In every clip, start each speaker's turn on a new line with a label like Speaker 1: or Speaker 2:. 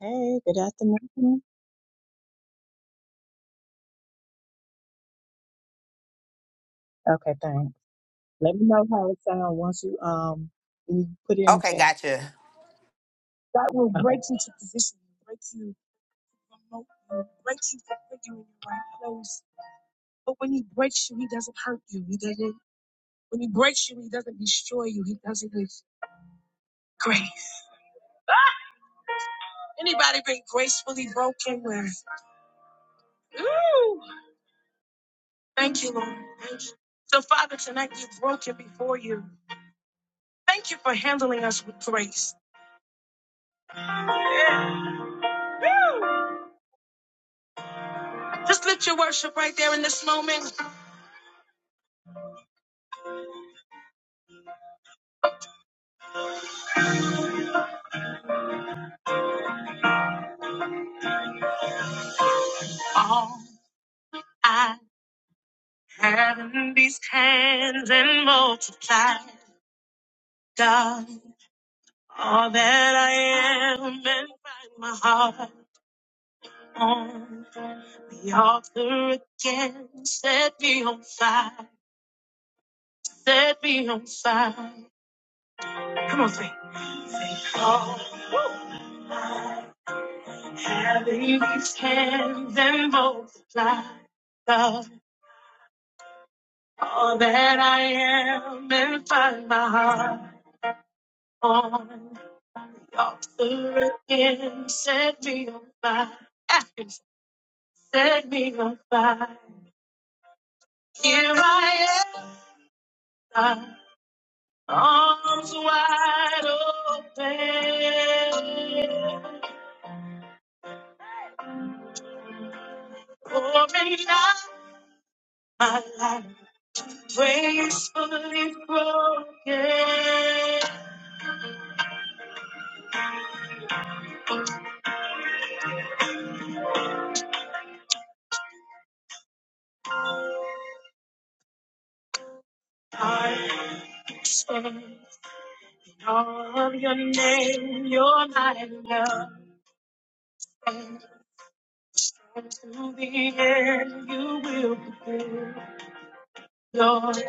Speaker 1: Hey, good afternoon. Okay, thanks. Let me know how it sounds once you um when you put it in the
Speaker 2: Okay,
Speaker 1: chat.
Speaker 2: gotcha.
Speaker 1: That will Okay. break you to position, break you from mo- break you from figuring your right clothes. But when he breaks you, he doesn't hurt you. He doesn't. When he breaks you, he doesn't destroy you. He does it with grace. Ah! Anybody been gracefully broken with? Ooh, thank you, Lord. Thank you. So, Father, tonight we've broken before you. Thank you for handling us with grace. Just lift your worship right there in this moment. All I have in these hands and multiply, God, all that I am and find my heart on the altar again. Set me on fire, set me on fire. Come on, sing. All I have in these hands and multiply, God, all that I am and find my heart. on the altar again. Set me on fire. Set me on fire. Here I am, arms wide open. Pouring out my life, gracefully broken. Heart stands on your name. You're my love. To the end, you will be good. Lord,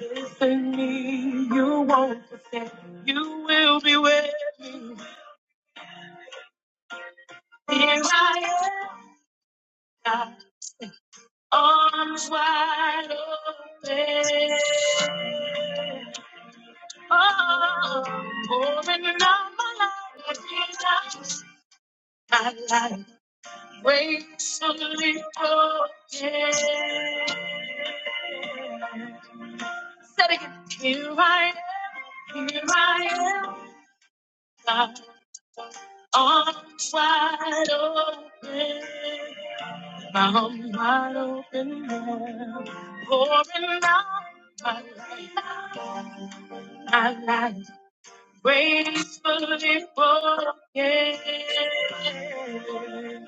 Speaker 1: listen me, you won't forsake. You will be with me. Here I am, God, arms wide open. Oh, pouring out my life, my life. Wakes a little again. Said again, here I am, here I am, God, arms wide open, mouth wide open now, pouring out my life, my life, gracefully broken.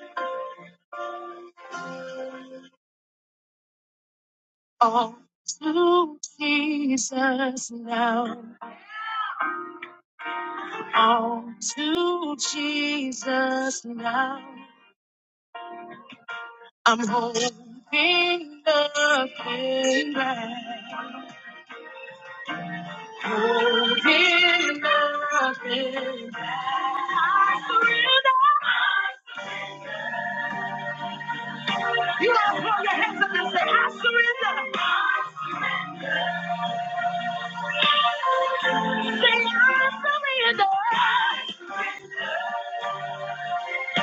Speaker 1: All to Jesus now. All to Jesus now. King the King back. Oh, King the King I surrender. You all throw your hands up and say, I surrender. Say, I surrender. You are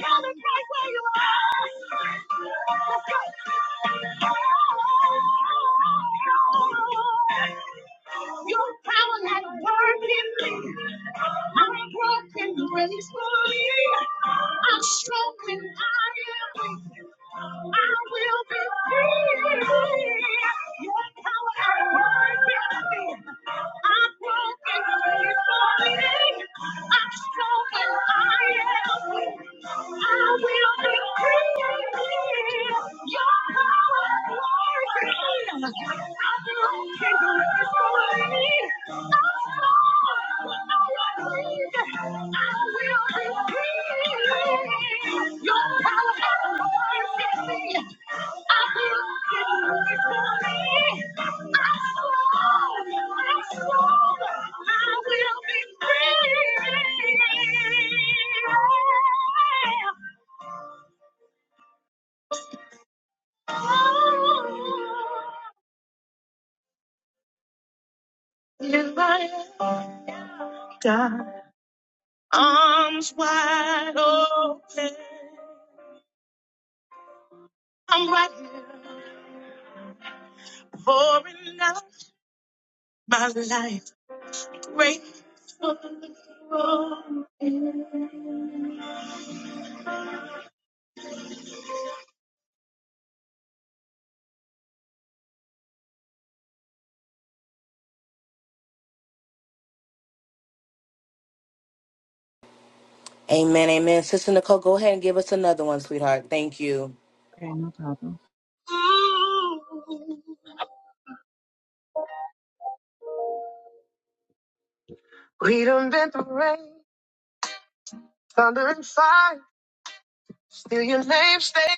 Speaker 1: coming right where you are. Your power has worked in me. I'm broken gracefully. I'm strong and I am weak. I will be free. Your power has worked in me. I'm broken gracefully. I'm strong and I am weak. I will be free. I will be free. You are God. Arms wide open. I'm right here pouring out my life. Great.
Speaker 2: Amen, amen. Sister Nicole, go ahead and give us another one, sweetheart. Thank you.
Speaker 1: Okay, no problem. We done been through rain, thunder and fire. Still your name stays.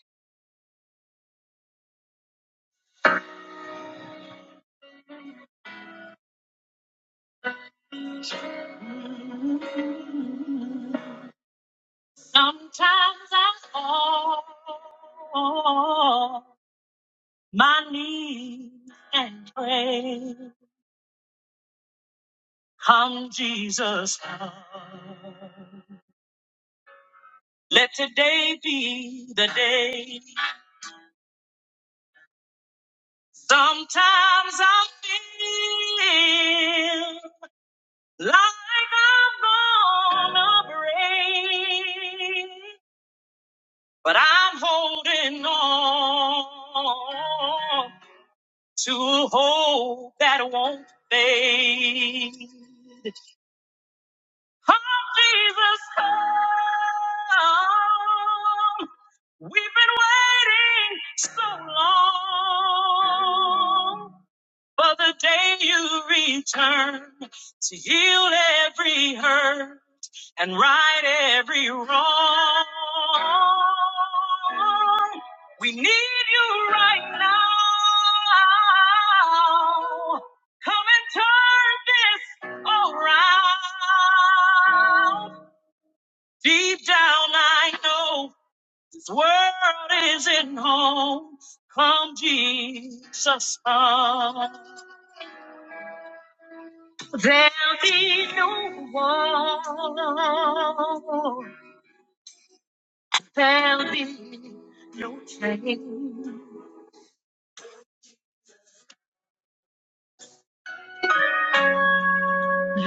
Speaker 1: Sometimes I fall on my knees and pray. Come, Jesus, come. Let today be the day. Sometimes I feel like I'm gonna break, but I'm holding on to a hope that won't fade. Come, Jesus, come. We've been waiting so long for the day you return to heal every hurt and right every wrong. We need you right now. Come and turn this around. Deep down, I know this world isn't home. Come, Jesus, come. There'll be no war There'll be no change.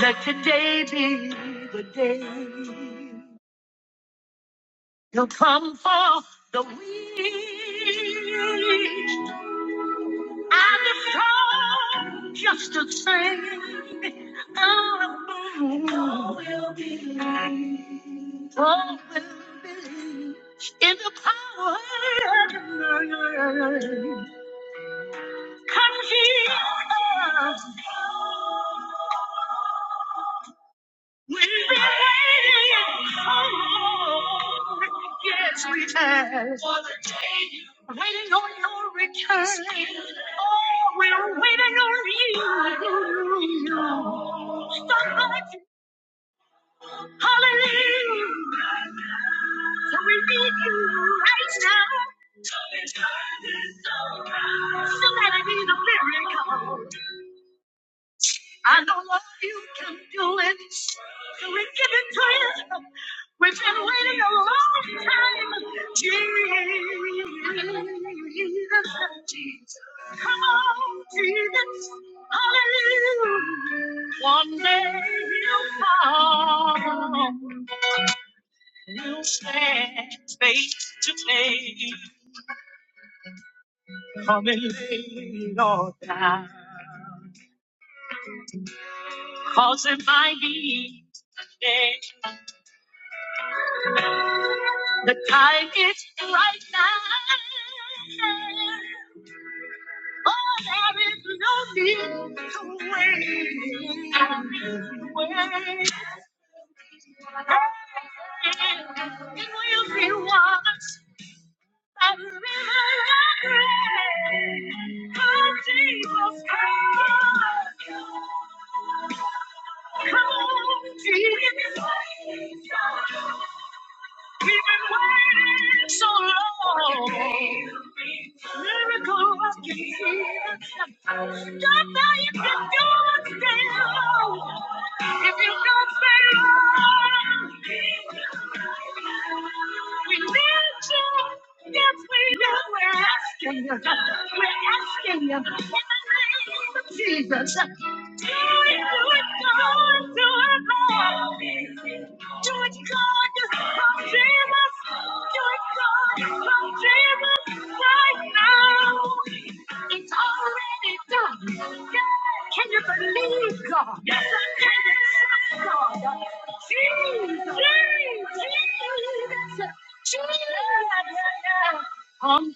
Speaker 1: Let today be the day you'll come for the weak and the strong, just the same. And all will be Oh, in the power. Yes, we have. Waiting on your return. Oh, we're waiting on you. Somebody, hallelujah. So we need you right now. Somebody need a miracle. I know, Lord, you can do it. So we give it to you. We've been waiting a long time. Jesus, Come on, Jesus. Hallelujah. One day you'll come. You'll stand face to face. Come and lay your down. Cause it might be today. The tide is right now. Oh, there is no need to wait. Wait. It will be washed by the river of grace. Oh, Jesus, come. Come, Jesus. We've been waiting so long. Miracle working God, now you can do it still. If you don't say Lord, we need you. Yes, we do. We're asking you. We're asking you. In the name of Jesus. Do it, do it, God, do it, Lord. Do it, God, from Jesus. Do it, God, from Jesus right now. It's already done. Yeah. Can you believe God? Yes, I can. you trust God? Jesus,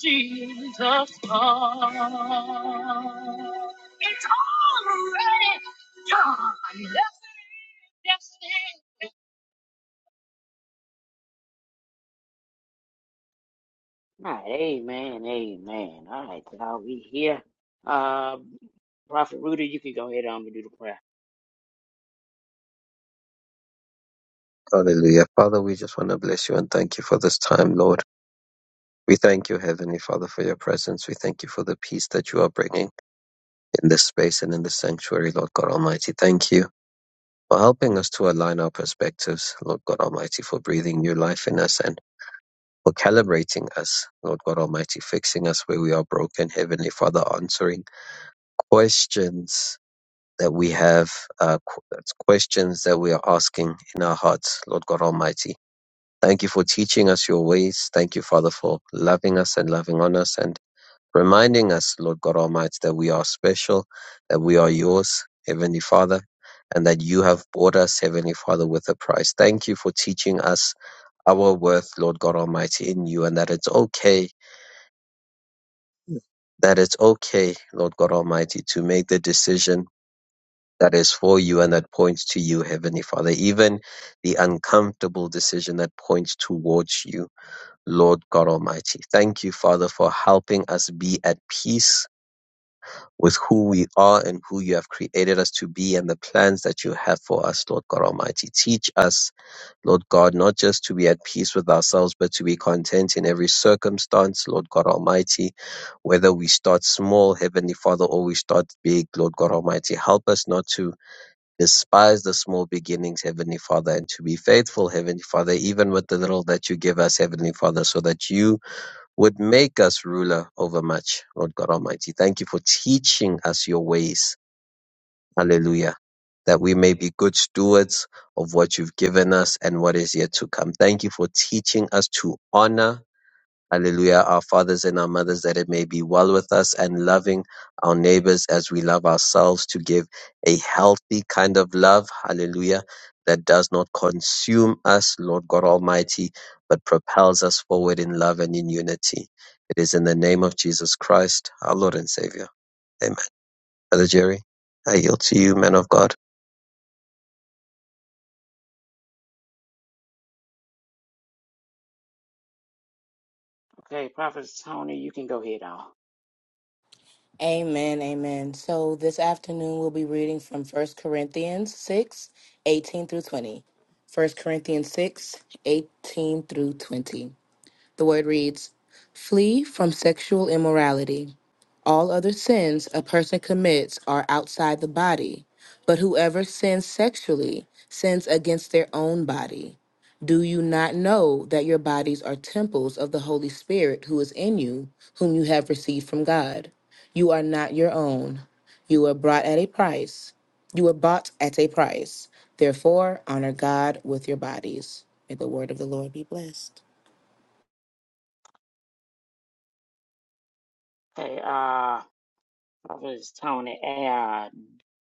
Speaker 1: Jesus, Jesus. Come, Jesus, come. It's already done. Yes, it is. Yes,
Speaker 3: All right, amen, amen. All right, y'all, we here. Uh, Prophet Rudy, you can go ahead on and do the prayer.
Speaker 4: Hallelujah. Father, we just want to bless you and thank you for this time, Lord. We thank you, Heavenly Father, for your presence. We thank you for the peace that you are bringing in this space and in this sanctuary, Lord God Almighty. Thank you for helping us to align our perspectives, Lord God Almighty, for breathing new life in us and for calibrating us, Lord God Almighty, fixing us where we are broken, Heavenly Father, answering questions that we have, uh, qu- questions that we are asking in our hearts, Lord God Almighty Thank you for teaching us your ways. Thank you, Father, for loving us and loving on us and reminding us, Lord God Almighty, that we are special, that we are yours, Heavenly Father, and that you have bought us, Heavenly Father, with a price. Thank you for teaching us our worth, Lord God Almighty, in you, and that it's okay that it's okay, Lord God Almighty, to make the decision that is for you and that points to you, Heavenly Father. Even the uncomfortable decision that points towards you. Lord God Almighty. Thank you, Father, for helping us be at peace with who we are and who you have created us to be and the plans that you have for us, Lord God Almighty. Teach us, Lord God, not just to be at peace with ourselves, but to be content in every circumstance, Lord God Almighty. Whether we start small, Heavenly Father, or we start big, Lord God Almighty, help us not to despise the small beginnings, Heavenly Father, and to be faithful, Heavenly Father, even with the little that you give us, Heavenly Father, so that you would make us ruler over much, Lord God Almighty. Thank you for teaching us your ways. Hallelujah. That we may be good stewards of what you've given us and what is yet to come. Thank you for teaching us to honor Hallelujah. Our fathers and our mothers, that it may be well with us and loving our neighbors as we love ourselves to give a healthy kind of love. Hallelujah. That does not consume us, Lord God Almighty, but propels us forward in love and in unity. It is in the name of Jesus Christ, our Lord and Savior. Amen. Brother Jerry, I yield to you, man of God.
Speaker 3: Okay, Prophet Tony, you can go ahead on.
Speaker 2: Amen, amen. So this afternoon we'll be reading from First Corinthians 6 18 through 20. First Corinthians 6 18 through 20. The word reads Flee from sexual immorality. All other sins a person commits are outside the body, but whoever sins sexually sins against their own body. Do you not know that your bodies are temples of the Holy Spirit who is in you, whom you have received from God? You are not your own. You were brought at a price. You were bought at a price. Therefore, honor God with your bodies. May the word of the Lord be blessed.
Speaker 3: Okay, uh, Prophet Tony, uh,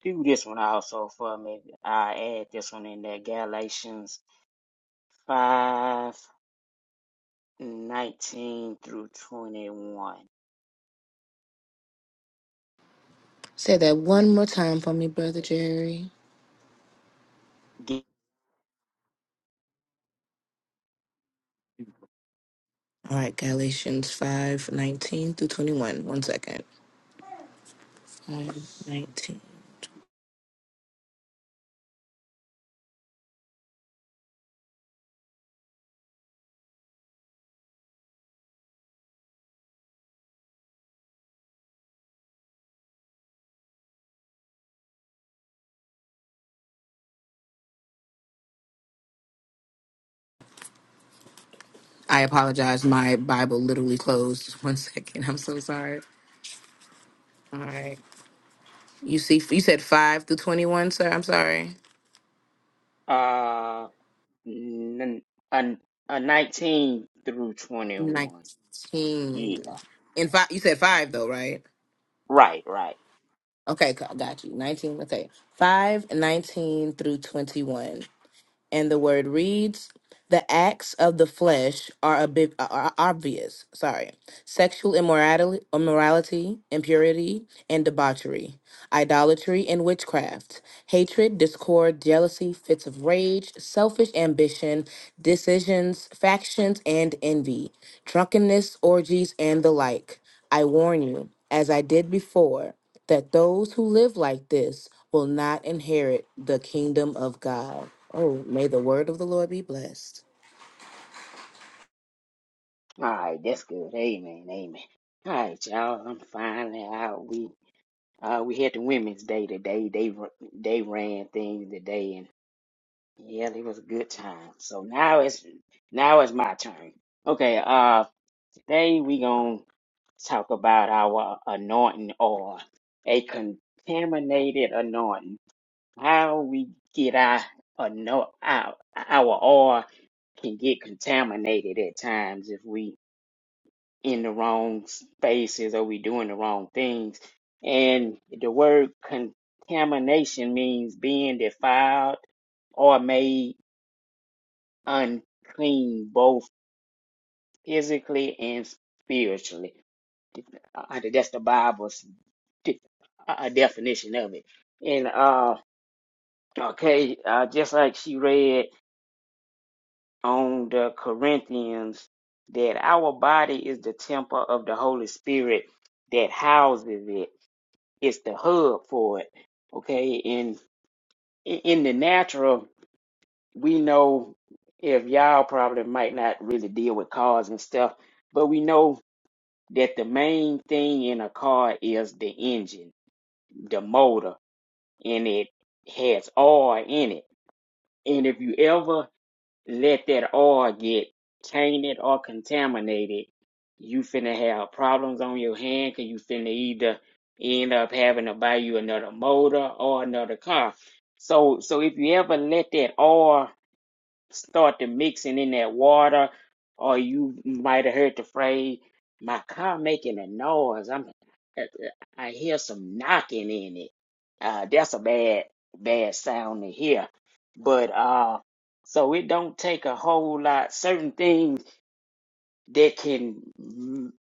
Speaker 3: do this one also for me. I add this one in there, Galatians five nineteen through 21.
Speaker 2: Say that one more time for me, Brother Jerry.
Speaker 3: G-
Speaker 2: All right, Galatians 5 19 through 21. One second. 5, 19. I apologize. My Bible literally closed. One second. I'm so sorry. All right. You see, you said 5 through 21, sir. I'm sorry.
Speaker 3: Uh, n- n- a 19 through
Speaker 2: 19.
Speaker 3: 21. Yeah,
Speaker 2: And five, you said 5, though, right?
Speaker 3: right, right.
Speaker 2: Okay, co- got you. 19. Okay. 5, 19 through 21. and the word reads the acts of the flesh are, a bit, are obvious sorry sexual immorality, immorality impurity and debauchery idolatry and witchcraft hatred discord jealousy fits of rage selfish ambition decisions factions and envy drunkenness orgies and the like i warn you as i did before that those who live like this will not inherit the kingdom of God. Oh, may the word of the Lord be blessed.
Speaker 3: All right, that's good. Amen, amen. All right, y'all. I'm finally out. We uh we had the Women's Day today. They r- they ran things today, and yeah, it was a good time. So now it's now it's my turn. Okay. Uh, today we gonna talk about our anointing or a contaminated anointing. How we get our anoint our our oil can get contaminated at times if we in the wrong spaces or we doing the wrong things. And the word contamination means being defiled or made unclean, both physically and spiritually. Uh, that's the Bible's de- uh, uh, definition of it. And uh, okay, uh, just like she read on the Corinthians, that our body is the temple of the Holy Spirit that houses it It's the hub for it. Okay, And in in the natural, we know if y'all probably might not really deal with cars and stuff, but we know that the main thing in a car is the engine, the motor, and it has oil in it. And if you ever let that oil get tainted or contaminated, you finna have problems on your hand because you finna either end up having to buy you another motor or another car. So, so if you ever let that oil start to mixing in that water, or you might have heard the phrase, "My car making a noise." I'm, uh, uh, I hear some knocking in it. Uh, that's a bad, bad sound to hear. But uh, so it don't take a whole lot. Certain things that can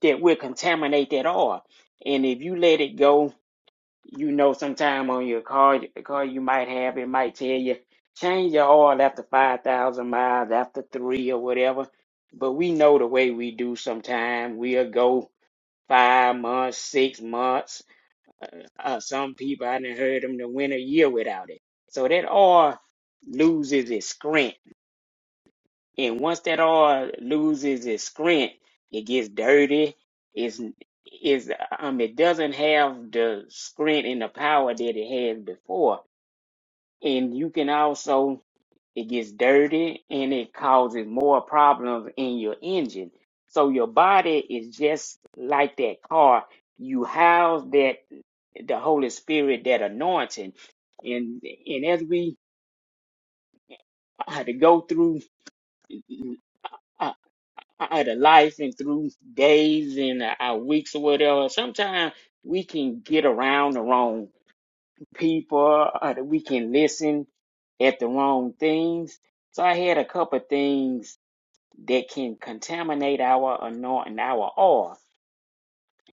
Speaker 3: that will contaminate that oil, and if you let it go, you know sometime on your car the car you might have it might tell you change your oil after 5000 miles after 3 or whatever but we know the way we do sometime we'll go 5 months 6 months uh, uh, some people I done heard them to win a year without it so that oil loses its scent and once that oil loses its strength, it gets dirty. It's is um it doesn't have the strength and the power that it had before. And you can also it gets dirty and it causes more problems in your engine. So your body is just like that car. You house that the Holy Spirit, that anointing. And and as we had to go through our the life and through days and uh, our weeks or whatever, sometimes we can get around the wrong people or that we can listen at the wrong things. So I had a couple of things that can contaminate our anointing, our oil.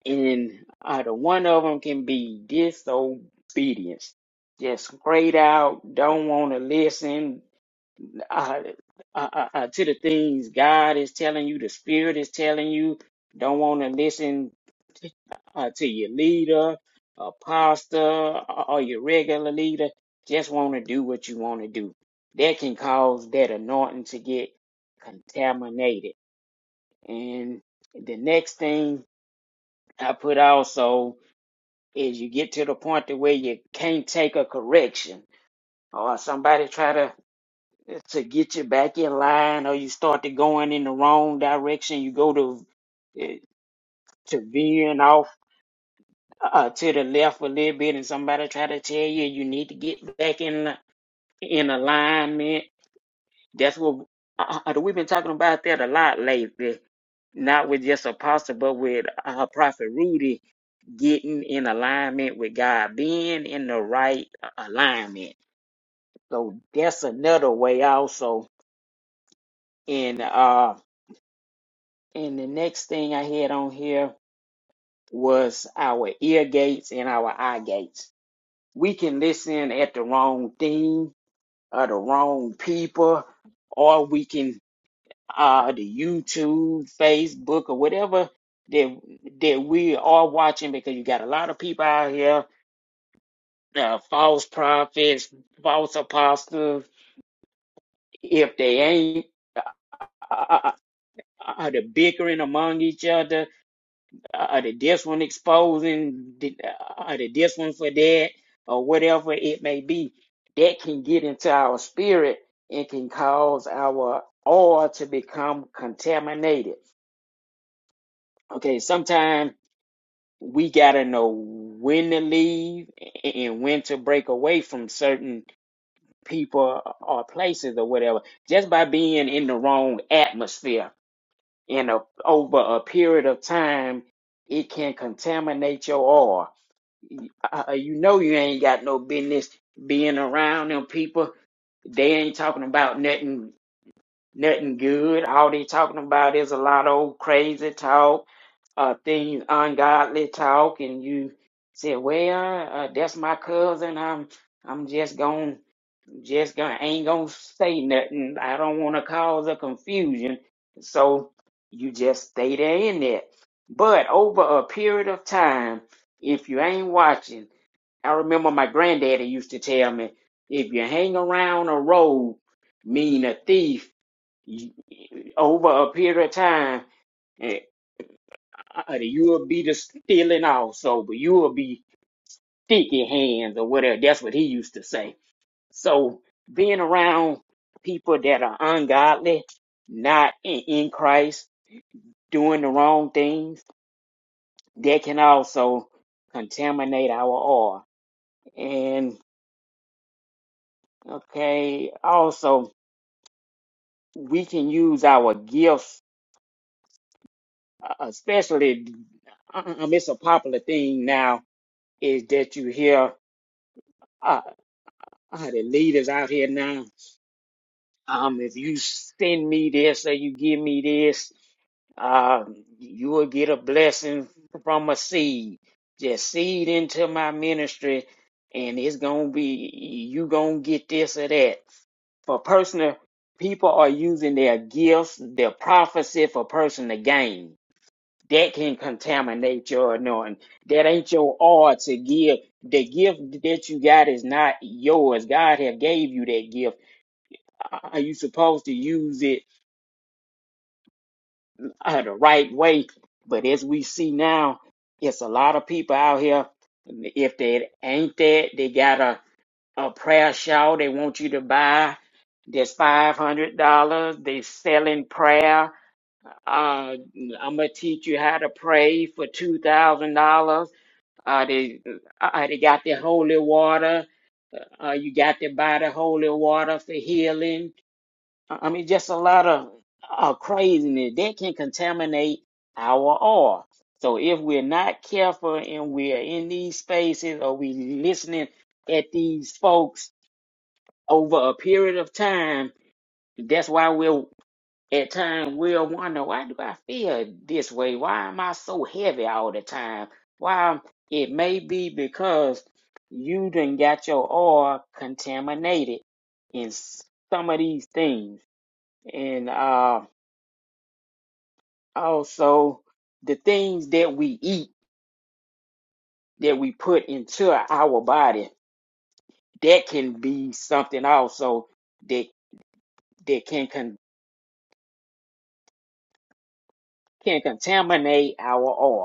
Speaker 3: And uh, the one of them can be disobedience. Just straight out, don't want to listen, uh, uh, uh, uh, to the things God is telling you, the Spirit is telling you. Don't want to listen uh, to your leader, a pastor, or or your regular leader. Just want to do what you want to do. That can cause that anointing to get contaminated. And the next thing I put also is you get to the point to where you can't take a correction or somebody try to to get you back in line or you start to going in the wrong direction you go to eh, to veering off uh, to the left a little bit and somebody try to tell you you need to get back in li- in alignment that's what uh, uh, we've been talking about that a lot lately not with just apostle but with uh, prophet rudy getting in alignment with god being in the right uh, alignment so that's another way also in uh. And the next thing I had on here was our ear gates and our eye gates. We can listen at the wrong thing or the wrong people, or we can uh the YouTube, Facebook, or whatever that that we are watching because you got a lot of people out here, uh, false prophets, false apostles. If they ain't uh, uh, uh, uh, the bickering among each other, uh, uh, the this one exposing the, uh, uh, the this one for that or whatever it may be that can get into our spirit and can cause our oil to become contaminated okay sometimes we gotta know when to leave and when to break away from certain people or places or whatever just by being in the wrong atmosphere in a over a period of time it can contaminate your oil Uh, uh, you know you ain't got no business being around them people. They ain't talking about nothing, nothing good. All they talking about is a lot of old crazy talk, uh, things ungodly talk, and you say, "Well, uh, that's my cousin. I'm, I'm just gon' just gonna ain't gonna say nothing. I don't want to cause a confusion." So you just stay there in that. But over a period of time, if you ain't watching. I remember my granddaddy used to tell me, if you hang around a road, mean a thief, you, over a period of time, eh, uh, you'll be the stealing also, but you'll be sticky hands or whatever. That's what he used to say. So being around people that are ungodly, not in, in Christ, doing the wrong things, that can also contaminate our oil. And okay, also we can use our gifts, uh, especially um, it's a popular thing now is that you hear uh, uh, the leaders out here now. Um, if you send me this or you give me this, uh, you will get a blessing from a seed. Just seed into my ministry, and it's gonna be you gonna get this or that for personal people are using their gifts, their prophecy for personal gain that can contaminate your anointing. That ain't your all to give. The gift that you got is not yours. God have gave you that gift. Are you supposed to use it uh, the right way? But as we see now, it's a lot of people out here. If they ain't that, they got a, a prayer shawl they want you to buy. That's five hundred dollars. They selling prayer. Uh, I'm gonna teach you how to pray for two thousand dollars Uh, they, uh, they got their holy water. Uh, you got to buy the holy water for healing. I I mean, just a lot of uh, craziness that can contaminate our oil. So if we're not careful and we're in these spaces or we listening at these folks over a period of time, that's why we're at times we'll wonder, why do I feel this way? Why am I so heavy all the time? Why it may be because you done got your oil contaminated in s- some of these things. And uh, also the things that we eat that we put into our body, that can be something also that that can con- can contaminate our oil.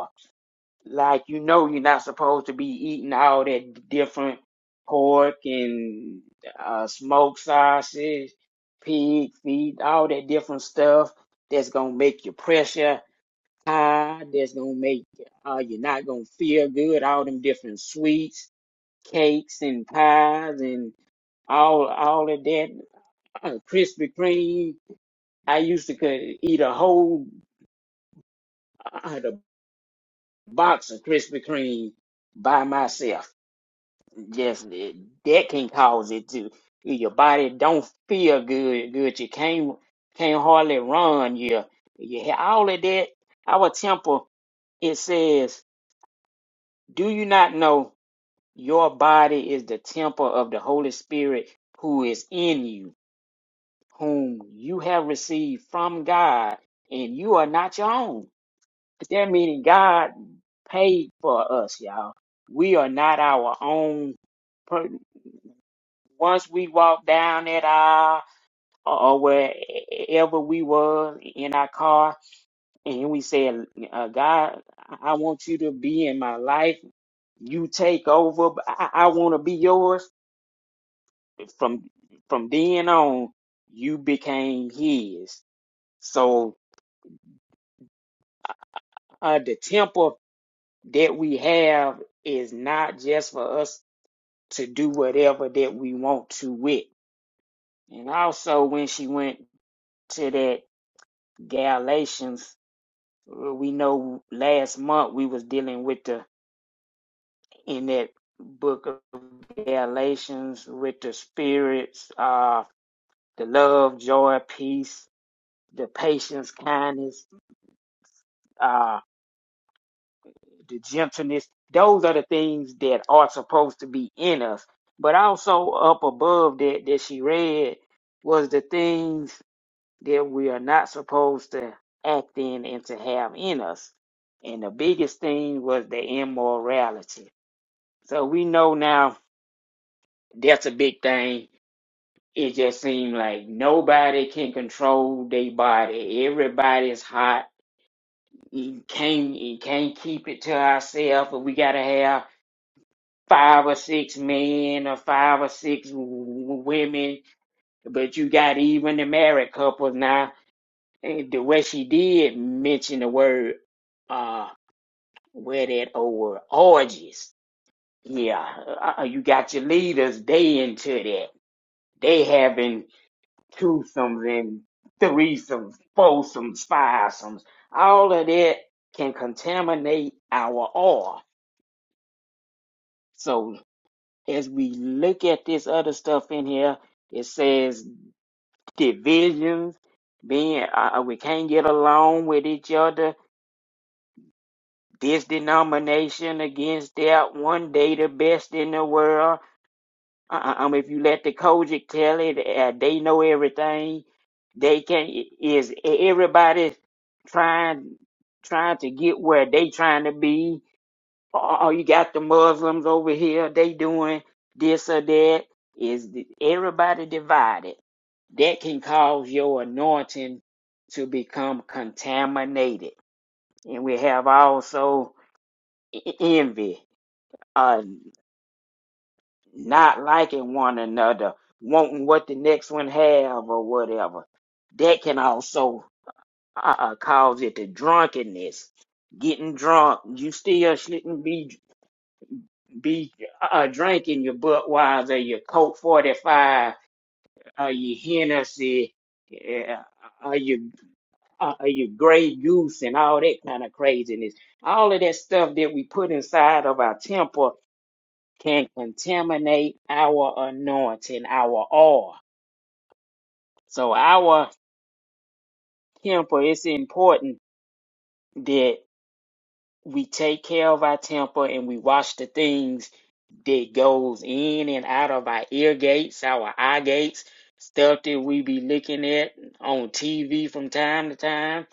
Speaker 3: Like you know, you're not supposed to be eating all that different pork and uh, smoked sausage, pig feet, all that different stuff that's gonna make your pressure high. That's gonna make uh, you're not gonna feel good. All them different sweets, cakes, and pies, and all all of that uh, Krispy Kreme. I used to could eat a whole uh, the box of Krispy Kreme by myself Yes, that that can cause it to your body don't feel good. Good, you can't can't hardly run. You you ha- all of that. Our temple, it says, do you not know your body is the temple of the Holy Spirit who is in you, whom you have received from God, and you are not your own. That meaning God paid for us, y'all. We are not our own. once we walked down that aisle or or wherever we were in our car, and we said, uh, God, I want you to be in my life. You take over. I, I want to be yours. From from then on, you became His. So uh, the temple that we have is not just for us to do whatever that we want to with. And also, when she went to that Galatians Uh, we know last month we was dealing with the in that book of Galatians with the spirits, uh, the love, joy, peace, the patience, kindness, uh, the gentleness. Those are the things that are supposed to be in us. But also up above that that she read was the things that we are not supposed to act in and to have in us. And the biggest thing was the immorality So we know now that's a big thing. It just seemed like nobody can control their body. Everybody's hot. You can't you can't keep it to ourselves. We gotta have five or six men or five or six w- women. But you got even the married couples now. And the way she did mention the word uh where that old word orgies. Yeah, uh, uh, you got your leaders. They into that. They having twosomes and threesomes, foursomes, fivesomes, all of that can contaminate our oil. So as we look at this other stuff in here, it says divisions, being uh, uh, we can't get along with each other. This denomination against that, one day the best in the world Uh, um, if you let the Kojic tell it, uh, they know everything. They can is everybody trying trying to get where they trying to be. Oh, you got the Muslims over here. They doing this or that. Is the- everybody divided? That can cause your anointing to become contaminated, and we have also e- e, envy. uh, not liking one another, wanting what the next one have or whatever. That can also uh, cause it to drunkenness. Getting drunk, you still shouldn't be be uh, drinking your Budweiser, your Coke 45, uh, your Hennessy, yeah, uh, your uh, uh, your Grey Goose, and all that kind of craziness. All of that stuff that we put inside of our temple can contaminate our anointing, our oil So our temper, it's important that we take care of our temper and we watch the things that goes in and out of our ear gates, our eye gates, stuff that we be looking at on TV from time to time.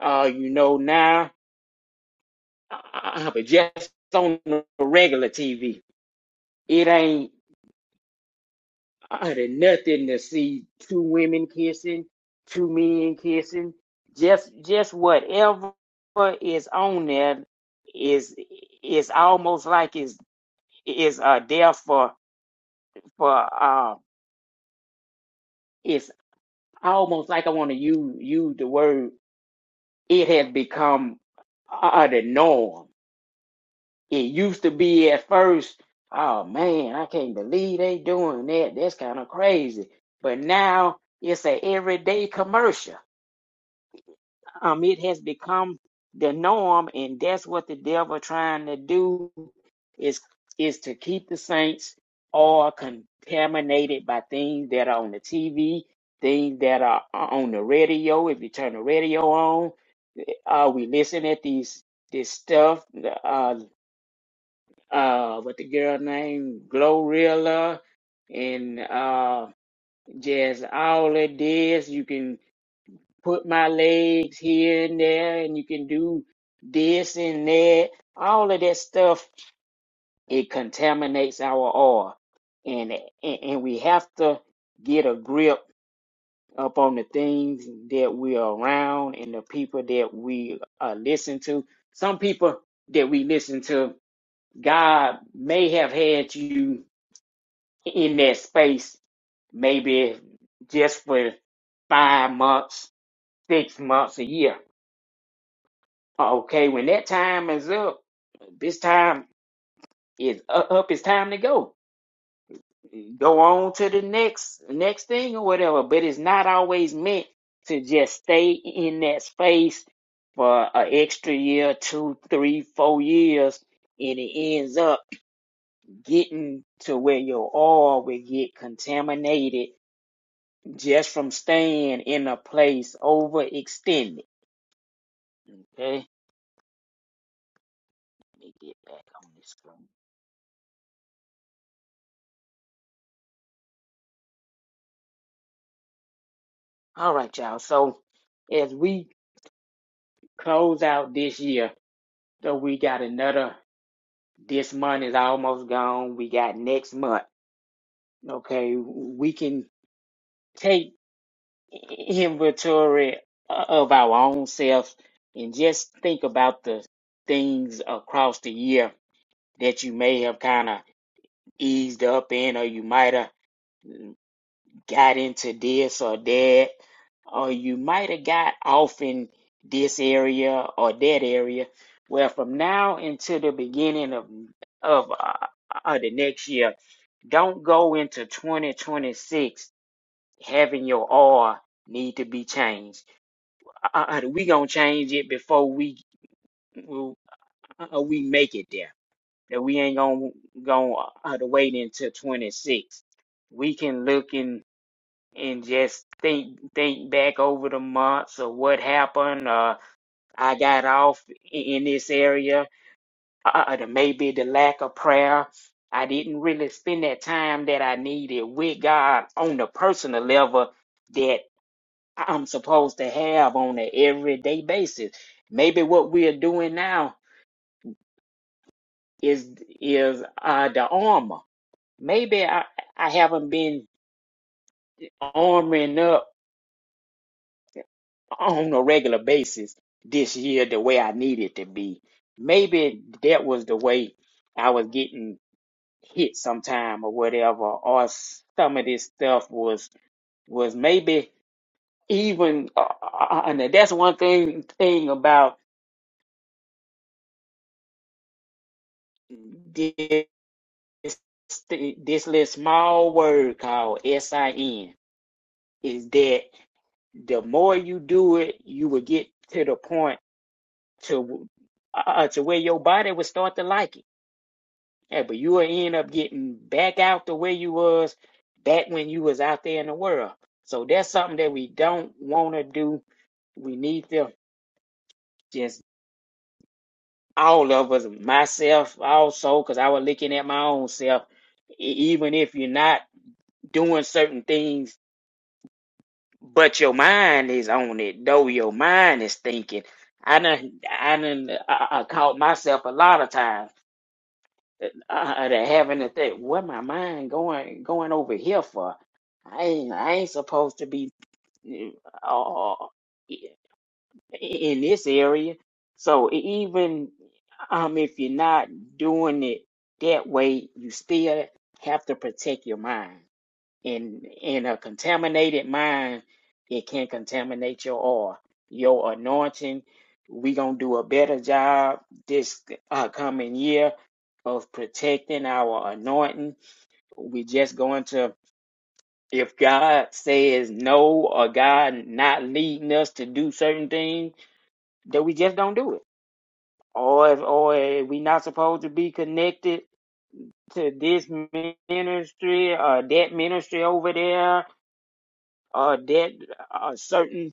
Speaker 3: Uh, you know now, uh, but just on the regular TV, it ain't. I had nothing to see two women kissing, two men kissing. Just just whatever is on there is is almost like is is uh there for for uh it's almost like I want to use use the word it has become uh, the norm. It used to be at first, oh man, I can't believe they doing that. That's kind of crazy. But now it's an everyday commercial Um, it has become the norm, and that's what the devil trying to do is is to keep the saints all contaminated by things that are on the TV, things that are on the radio. If you turn the radio on, uh, we listen at these this stuff. Uh, uh, what the girl named Glorilla and uh, just all of this. You can put my legs here and there and you can do this and that all of that stuff it contaminates our oil and and, and we have to get a grip up on the things that we are around and the people that we uh, listen to some people that we listen to god may have had you in that space maybe just for five months six months a year Okay, when that time is up, this time is u- up. It's time to go. Go on to the next next thing or whatever. But it's not always meant to just stay in that space for an extra year, two, three, four years, and it ends up getting to where your oil will get contaminated just from staying in a place overextended. Okay, let me get back on this. screen. All right, y'all. So as we close out this year, so we got another. This month is almost gone. We got next month. Okay, we can take inventory of our own selves and just think about the things across the year that you may have kind of eased up in, or you might have. got into this or that, or you might have got off in this area or that area. Well, from now until the beginning of of, uh, of the next year, don't go into 2026 having your R need to be changed. Uh, uh, uh, we gonna change it before we uh, we make it there. That we ain't gonna go uh, to wait until 26. We can look in. and just think think back over the months of what happened. Uh, I got off in this area. Uh, uh, maybe the lack of prayer. I didn't really spend that time that I needed with God on the personal level that I'm supposed to have on an everyday basis. Maybe what we're doing now is is uh, the armor. Maybe I, I haven't been armoring up on a regular basis this year the way I needed to be. Maybe that was the way I was getting hit sometime or whatever, or some of this stuff was was maybe even. Uh, uh, and that's one thing thing about this this little small word called sin is that the more you do it, you will get to the point to uh, uh, to where your body will start to like it Yeah, but you will end up getting back out the way you was back when you was out there in the world. So that's something that we don't want to do. We need to just all of us, myself also, because I was looking at my own self. E- Even if you're not doing certain things, but your mind is on it, though your mind is thinking. I done, I done, I, I caught myself a lot of times uh, to having to think, what my mind going going over here for? I ain't I ain't supposed to be uh, in this area. So e, even um, if you're not doing it that way, you still have to protect your mind in in a contaminated mind it can contaminate your oil your anointing we gonna do a better job this uh, coming year of protecting our anointing we just going to if god says no or god not leading us to do certain things that we just don't do it or if or if we not supposed to be connected to this ministry or that ministry over there Or dead or certain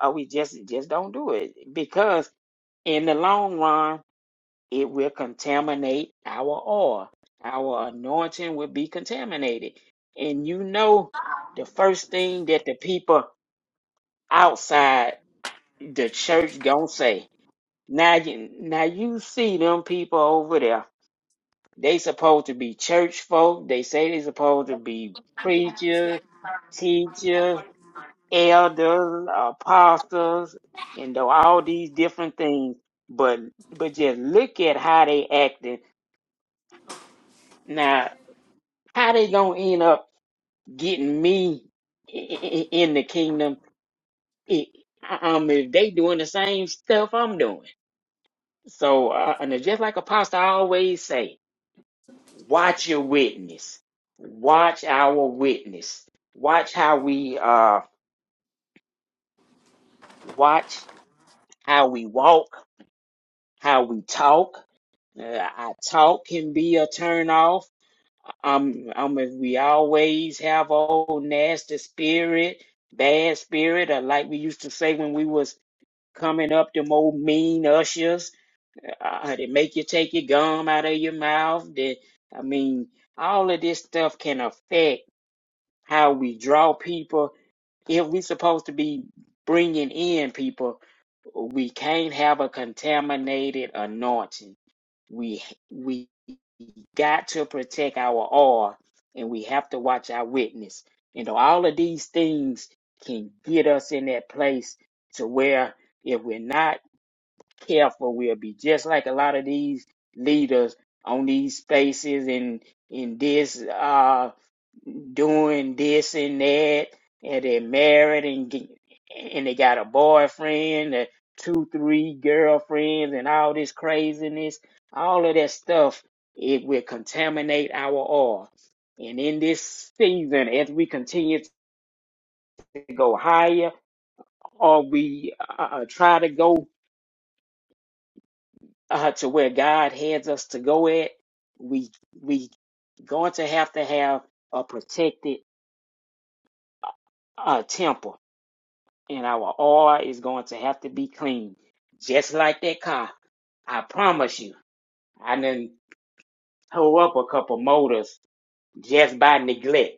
Speaker 3: uh, we just just don't do it because in the long run it will contaminate our oil our anointing will be contaminated and you know the first thing that the people outside the church gonna say now you now you see them people over there they supposed to be church folk they say they supposed to be preachers teachers elders, apostles, and know, all these different things. But but just look at how they acting now. How they gonna end up getting me i- i- in the kingdom? i- Um, if they doing the same stuff I'm doing. So uh, and it's just like Apostle always say, watch your witness. Watch our witness. Watch how we uh watch how we walk, how we talk Uh, I talk can be a turn off. Um, um, if we always have old nasty spirit, bad spirit, or like we used to say when we was coming up, them old mean ushers. Uh, they make you take your gum out of your mouth. They, I mean, all of this stuff can affect how we draw people if we are supposed to be bringing in people, we can't have a contaminated anointing. We we got to protect our oil, and we have to watch our witness. You know, all of these things can get us in that place to where if we're not careful, we'll be just like a lot of these leaders on these spaces and in this. uh doing this and that, and they're married and get- and they got a boyfriend, and two, three girlfriends, and all this craziness, all of that stuff, it will contaminate our oil. And in this season, as we continue to go higher, or we uh, uh, try to go uh, to where God has us to go at, we we going to have to have a protected uh, temple and our oil is going to have to be clean, just like that car. I promise you. I done tore up a couple motors just by neglect.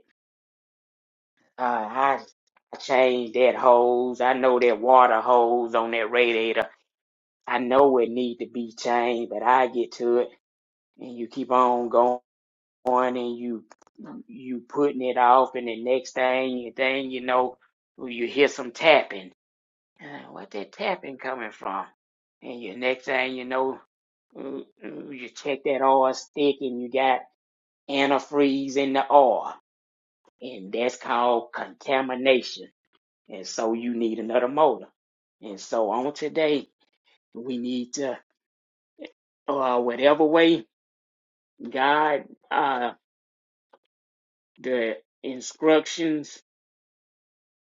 Speaker 3: Uh, I, I changed that hose. I know that water hose on that radiator. I know it need to be changed, but I get to it, and you keep on going, and you you putting it off, and the next thing, thing you know, you hear some tapping Uh, what that tapping coming from? And your next thing you know, mm, mm, you check that oil stick and you got antifreeze in the oil. And that's called contamination. And so you need another motor. And so on today, we need to, uh, whatever way God, uh, the instructions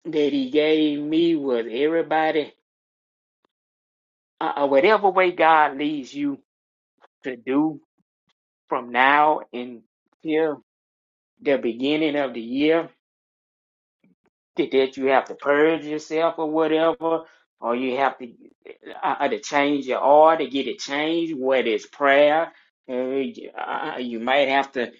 Speaker 3: that he gave me was everybody, uh, uh, whatever way God leads you to do from now until the beginning of the year that that you have to purge yourself or whatever, or you have to uh, uh, to change your order, get it changed, whether it's prayer, uh, you uh, you might have to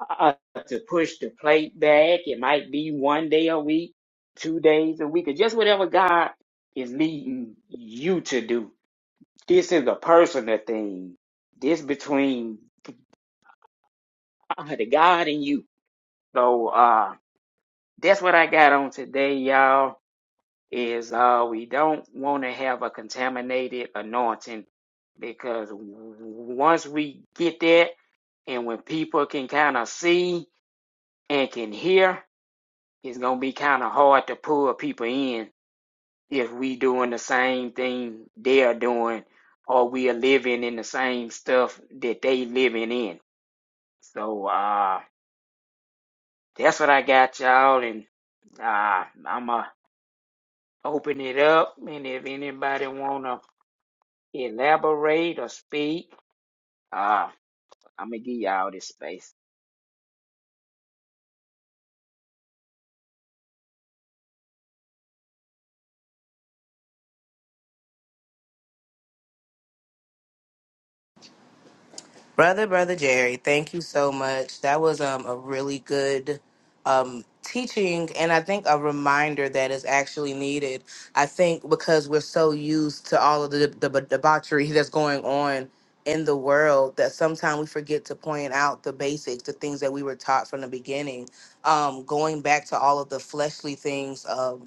Speaker 3: uh, uh, to push the plate back. It might be one day a week, two days a week, or just whatever God is leading you to do. This is a personal thing. This between uh, the God and you. So uh, that's what I got on today, y'all is uh, we don't want to have a contaminated anointing because once we get that, and when people can kind of see and can hear, it's gonna be kind of hard to pull people in if we doing the same thing they are doing, or we are living in the same stuff that they living in. So uh, that's what I got, y'all, and uh, I'ma open it up, and if anybody wanna. elaborate or speak. Ah, I'm gonna give y'all this space.
Speaker 2: Brother, brother Jerry, thank you so much. That was um, a really good um, teaching, and I think a reminder that is actually needed. I think because we're so used to all of the, the debauchery that's going on in the world that sometimes we forget to point out the basics, the things that we were taught from the beginning. Um, going back to all of the fleshly things, um,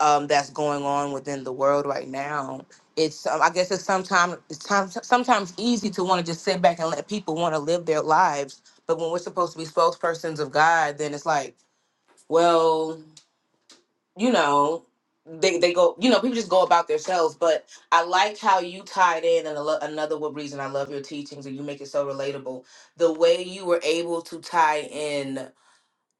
Speaker 2: um, that's going on within the world right now. It's um, I guess it's sometimes it's time, sometimes easy to want to just sit back and let people want to live their lives, but when we're supposed to be spokespersons of God, then it's like, well, you know, they they go, you know, people just go about themselves. But I like how you tied in, and I lo- another what reason I love your teachings and you make it so relatable. The way you were able to tie in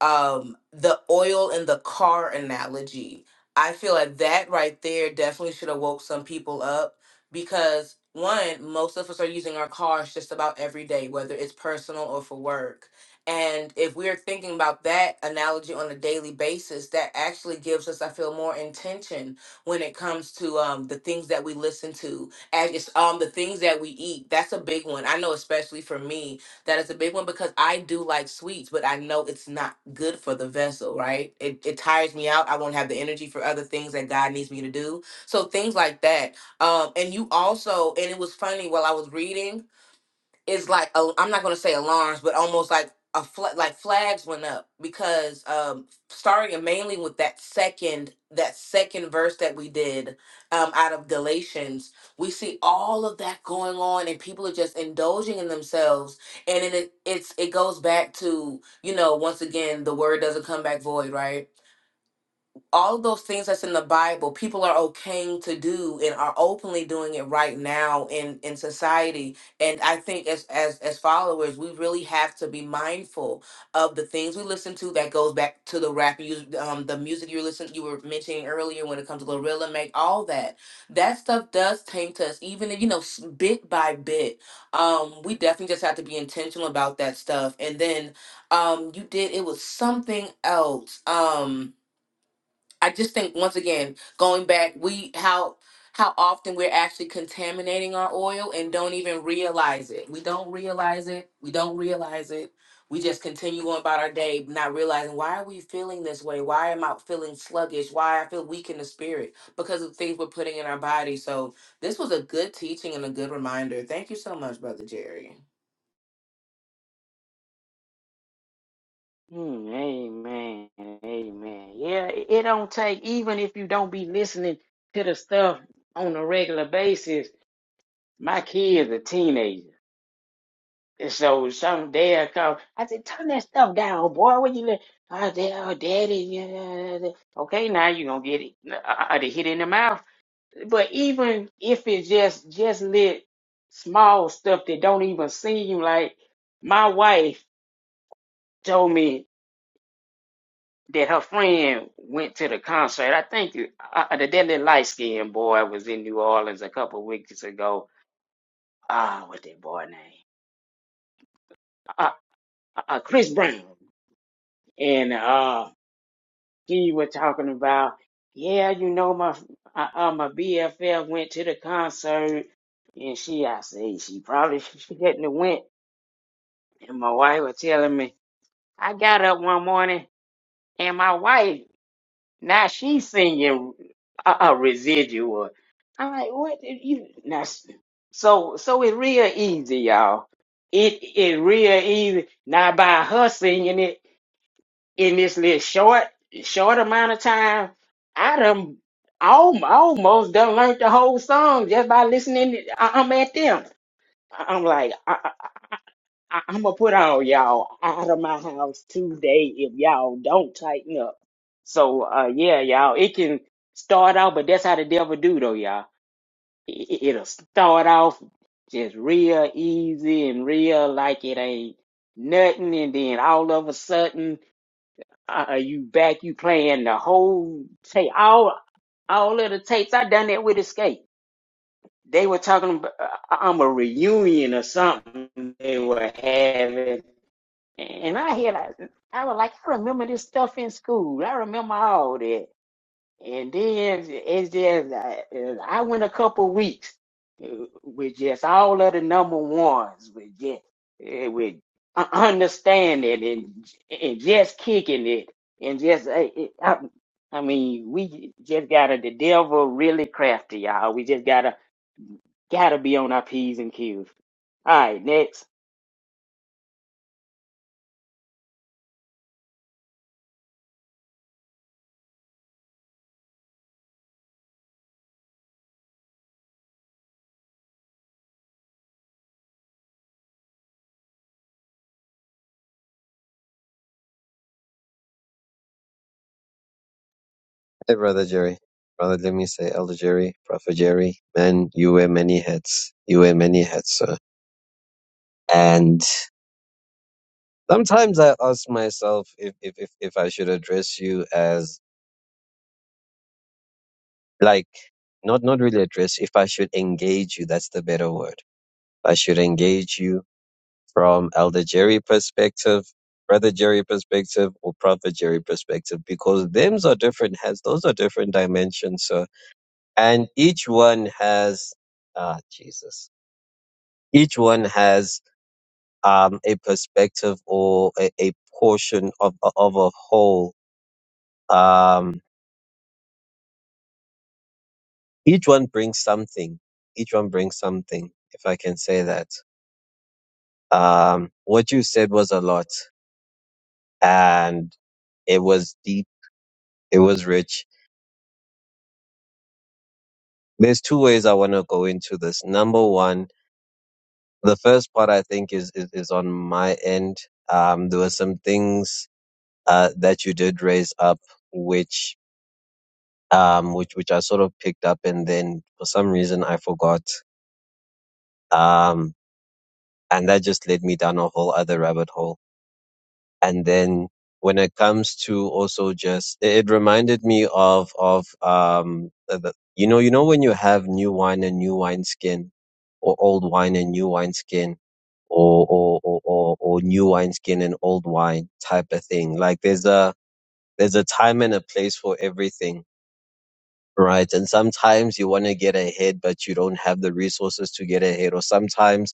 Speaker 2: um the oil in the car analogy i feel like that right there definitely should have woke some people up because one most of us are using our cars just about every day whether it's personal or for work and if we're thinking about that analogy on a daily basis that actually gives us i feel more intention when it comes to um, the things that we listen to as it's um, the things that we eat that's a big one i know especially for me that is a big one because I do like sweets, but I know it's not good for the vessel, right? It, it tires me out. I won't have the energy for other things that God needs me to do. So things like that. Um, and you also, and it was funny while I was reading is like i am not gonna say alarms, but almost like a fl- like flags went up because um, starting mainly with that second that second verse that we did um, out of Galatians, we see all of that going on, and people are just indulging in themselves, and it it- it's it goes back to you know once again the word doesn't come back void, right? all of those things that's in the Bible, people are okaying to do and are openly doing it right now in in society. And I think as as as followers, we really have to be mindful of the things we listen to. That goes back to the rap, you um, the music you listen, you were mentioning earlier when it comes to Gorilla, make all that. That stuff does taint us, even if, you know, s- bit by bit. Um, we definitely just have to be intentional about that stuff. And then um, you did it was something else. Um I just think once again, going back, we how how often we're actually contaminating our oil and don't even realize it. We don't realize it. We don't realize it. We just continue on about our day, not realizing why are we feeling this way? Why am I feeling sluggish? Why I feel weak in the spirit because of things we're putting in our body. So this was a good teaching and a good reminder. Thank you so much, brother Jerry.
Speaker 3: Mm, amen. Amen. Yeah, it it don't take even if you don't be listening to the stuff on a regular basis. My kid's a teenager. And so some day I come, I said, turn that stuff down, boy. What you li- oh, da- oh, daddy, yeah, yeah, yeah. yeah." okay, now you gonna get it uh, uh, uh, the hit in the mouth. but even if it's just just lit small stuff that don't even seem like my wife told me that her friend went to the concert. I think uh, uh, the deadly light skinned boy was in New Orleans a couple of weeks ago. Ah, what's that boy name? Uh, uh, uh, Chris Brown. And uh, he was talking about, yeah, you know, my uh, uh, my BFF went to the concert, and she, I say, she probably shouldn't have went And my wife was telling me, I got up one morning and my wife, now she's singing a, a residual. I'm like, what did you? Now, s- so, so it's real easy, y'all. It It it real easy. Now, by her singing it in this little short, short amount of time, I done alm- almost done learned the whole song just by listening. To, I- I'm at them. I'm like, uh, I, I'm gonna put all y'all out of my house today if y'all don't tighten up. So uh yeah, y'all, it can start out, but that's how the devil do though, y'all. It, it- will start off just real easy and real like it ain't nothing, and then all of a sudden, uh, you back, you playing the whole tape, all all of the tapes. I done that with Escape. They were talking about uh, I'm a reunion or something they were having and I had, I I was like, I remember this stuff in school. I remember all that. And then it's just, uh, I went a couple weeks uh, with just all of the number ones, with just, uh, with understanding and and just kicking it, and just, uh, I, I mean, we just gotta, the devil really crafty, y'all. We just gotta, gotta be on our P's and Q's. All right, next.
Speaker 4: Hey, Brother Jerry. Brother, let me say, Elder Jerry, Prophet Jerry, man, you wear many hats. You wear many hats, sir. and. sometimes I ask myself if if if, if I should address you as like not not really address if I should engage you. That's the better word. I should engage you from Elder Jerry perspective, Brother Jerry perspective, or Prophet Jerry perspective because thems are different. Has those are different dimensions. So and each one has ah Jesus. Each one has um a perspective or a, a portion of of a whole. Um each one brings something. Each one brings something, if I can say that. Um, what you said was a lot and it was deep. It was rich. There's two ways I want to go into this. Number one, the first part I think is, is, is on my end. Um, there were some things, uh, that you did raise up, which, um, which, which I sort of picked up and then for some reason I forgot. Um, and that just led me down a whole other rabbit hole and then when it comes to also just it, reminded me of of um the, the- you know you know when you have new wine and new wine skin or old wine and new wine skin or or or or, or new wine skin and old wine type of thing like there's a there's a time and a place for everything right and sometimes you want to get ahead but you don't have the resources to get ahead or sometimes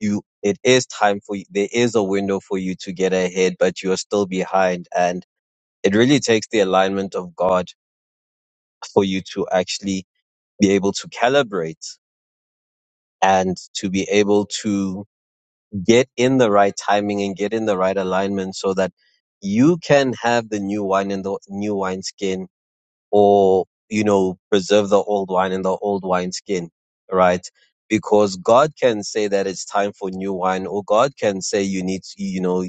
Speaker 4: you it is time for you there is a window for you to get ahead but you're still behind and. It really takes the alignment of God for you to actually be able to calibrate and to be able to get in the right timing and get in the right alignment so that you can have the new wine in the new wine skin or, you know, preserve the old wine in the old wine skin, right? Because God can say that it's time for new wine or God can say you need, to, you know,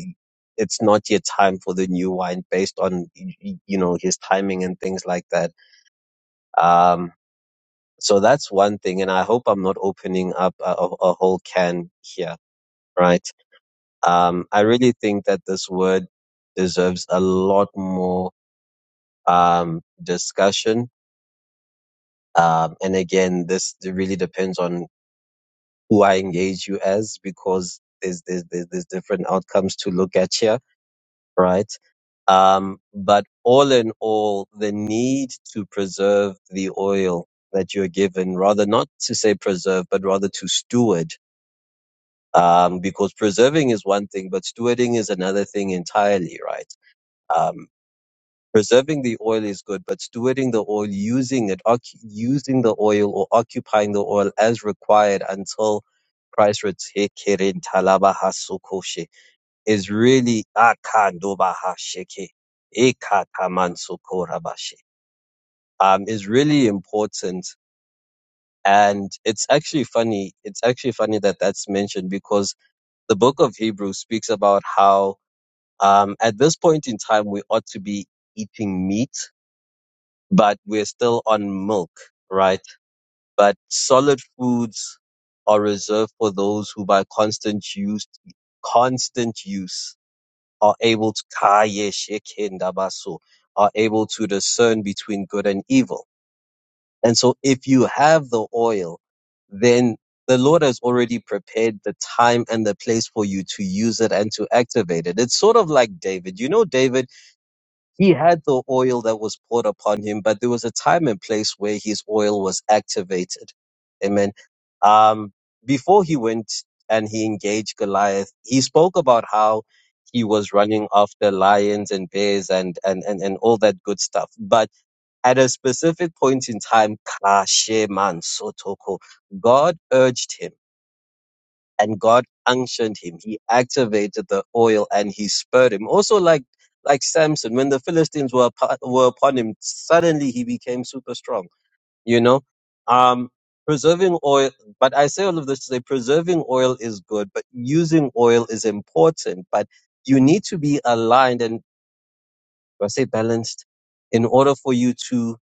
Speaker 4: it's not yet time for the new wine based on, y- y- you know, his timing and things like that Um, so that's one thing, and I hope I'm not opening up a, a, a whole can here, right? Um, I really think that this word deserves a lot more um, discussion. Um, and again, this really depends on who I engage you as, because there's there's there's, there's different outcomes to look at here right? Um, but all in all, the need to preserve the oil that you're given, rather not to say preserve, but rather to steward, um, because preserving is one thing, but stewarding is another thing entirely, right? Um, preserving the oil is good, but stewarding the oil, using it, oc- using the oil or occupying the oil as required until Christ returns is really Akandobahasheke, Ekatamansokorabashe, um, is really important. And it's actually funny. It's actually funny that that's mentioned because the book of Hebrews speaks about how um, at this point in time we ought to be eating meat, but we're still on milk, right? But solid foods are reserved for those who by constant use, constant use are able to Kaye Shekindabasu, are able to discern between good and evil. And so if you have the oil, then the Lord has already prepared the time and the place for you to use it and to activate it. It's sort of like David. You know, David he had the oil that was poured upon him, but there was a time and place where his oil was activated. Amen. Um, before he went and he engaged Goliath, he spoke about how he was running after lions and bears and, and, and, and all that good stuff. But at a specific point in time, Kasheman Sotoko, God urged him and God unctioned him. He activated the oil and he spurred him. Also, like like Samson, when the Philistines were upon, were upon him, suddenly he became super strong. You know, um, preserving oil. But I say all of this to say preserving oil is good, but using oil is important. But you need to be aligned and I say balanced in order for you to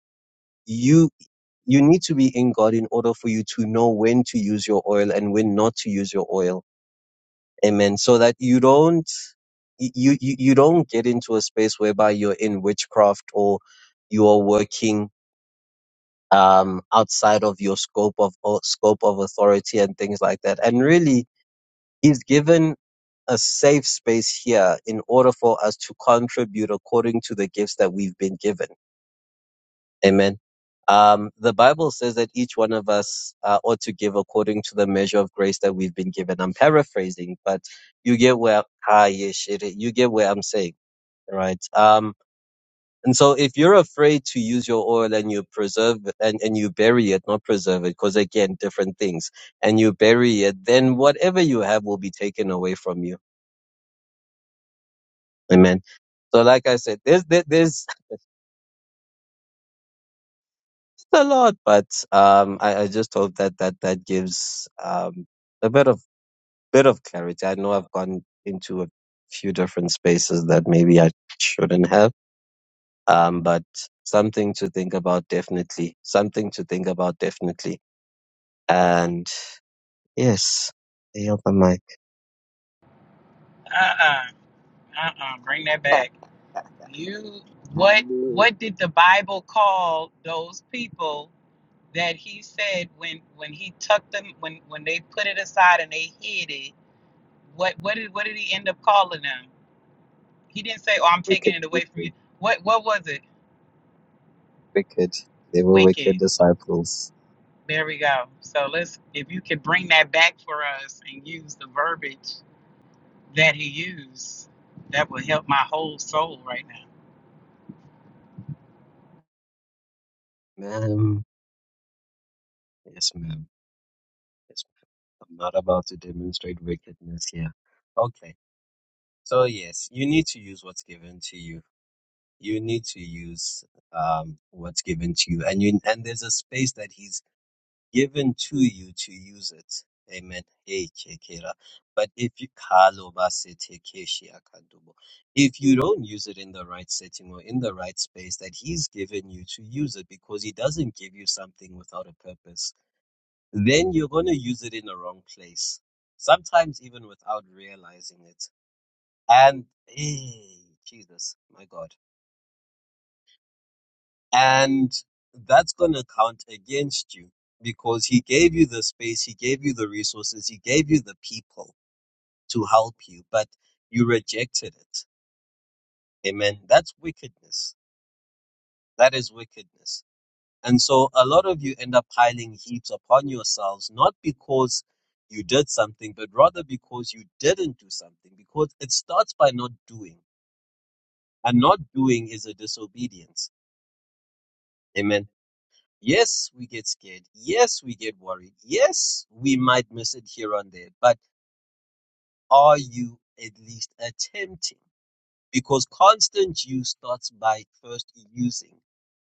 Speaker 4: you you need to be in God in order for you to know when to use your oil and when not to use your oil Amen. So that you don't you you you don't get into a space whereby you're in witchcraft or you are working um outside of your scope of or scope of authority and things like that. And really he's given a safe space here in order for us to contribute according to the gifts that we've been given Amen. Um, the Bible says that each one of us uh, ought to give according to the measure of grace that we've been given. I'm paraphrasing, but you get where ah yes, it, you get where I'm saying, right? Um, and so if you're afraid to use your oil and you preserve and and you bury it, not preserve it, because again, different things, and you bury it, then whatever you have will be taken away from you. Amen. So, like I said, there's there, there's a lot, but um, I, I just hope that that that gives um, a bit of bit of clarity. I know I've gone into a few different spaces that maybe I shouldn't have, um, but something to think about definitely. Something to think about definitely. And yes, they open mic.
Speaker 5: uh-uh uh-uh bring that back you
Speaker 3: I
Speaker 5: what
Speaker 3: knew it.
Speaker 5: what did the bible call those people that he said when when he took them when when they put it aside and they hid it what what did what did he end up calling them he didn't say oh i'm taking
Speaker 4: Wicked,
Speaker 5: it away from you
Speaker 4: wicked,
Speaker 5: what what was it
Speaker 4: wicked. They were wicked
Speaker 5: wicked
Speaker 4: disciples,
Speaker 5: there we go so let's if you could bring that back for us and use the verbiage that he used that would help my whole soul right
Speaker 4: ma'am. Yes, ma'am. Yes, ma'am. I'm not about to demonstrate wickedness here. Okay. So yes, you need to use what's given to you. You need to use um, what's given to you, and you and there's a space that He's given to you to use it. Amen. Hey, Kekera. But if you Kalobasete Keshi Akadubo. if you don't use it in the right setting or in the right space that He's given you to use it, because He doesn't give you something without a purpose, then you're going to use it in the wrong place. Sometimes even without realizing it and eh, Jesus, my God. And that's going to count against you because he gave you the space, he gave you the resources, he gave you the people to help you, but you rejected it. Amen. That's wickedness. That is wickedness. And so a lot of you end up piling heaps upon yourselves, not because you did something, but rather because you didn't do something, because it starts by not doing. And not doing is a disobedience. Amen Yes, we get scared. Yes, we get worried. Yes, we might miss it here and there. But are you at least attempting? Because constant use starts by first using.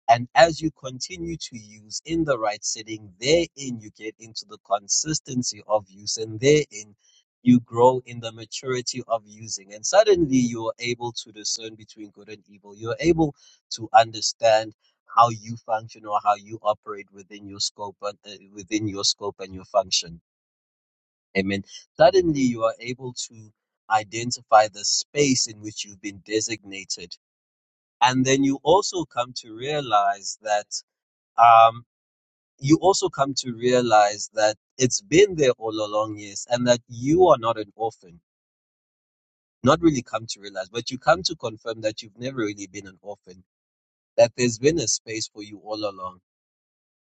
Speaker 4: And as you continue to use in the right setting, therein you get into the consistency of use, and therein you grow in the maturity of using. And suddenly you are able to discern between good and evil. You're able to understand how you function or how you operate within your scope and uh, within your scope and your function. Amen. Suddenly you are able to identify the space in which you've been designated. And then you also come to realize that um, you also come to realize that it's been there all along, yes, and that you are not an orphan. Not really come to realize, but you come to confirm that you've never really been an orphan, that there's been a space for you all along.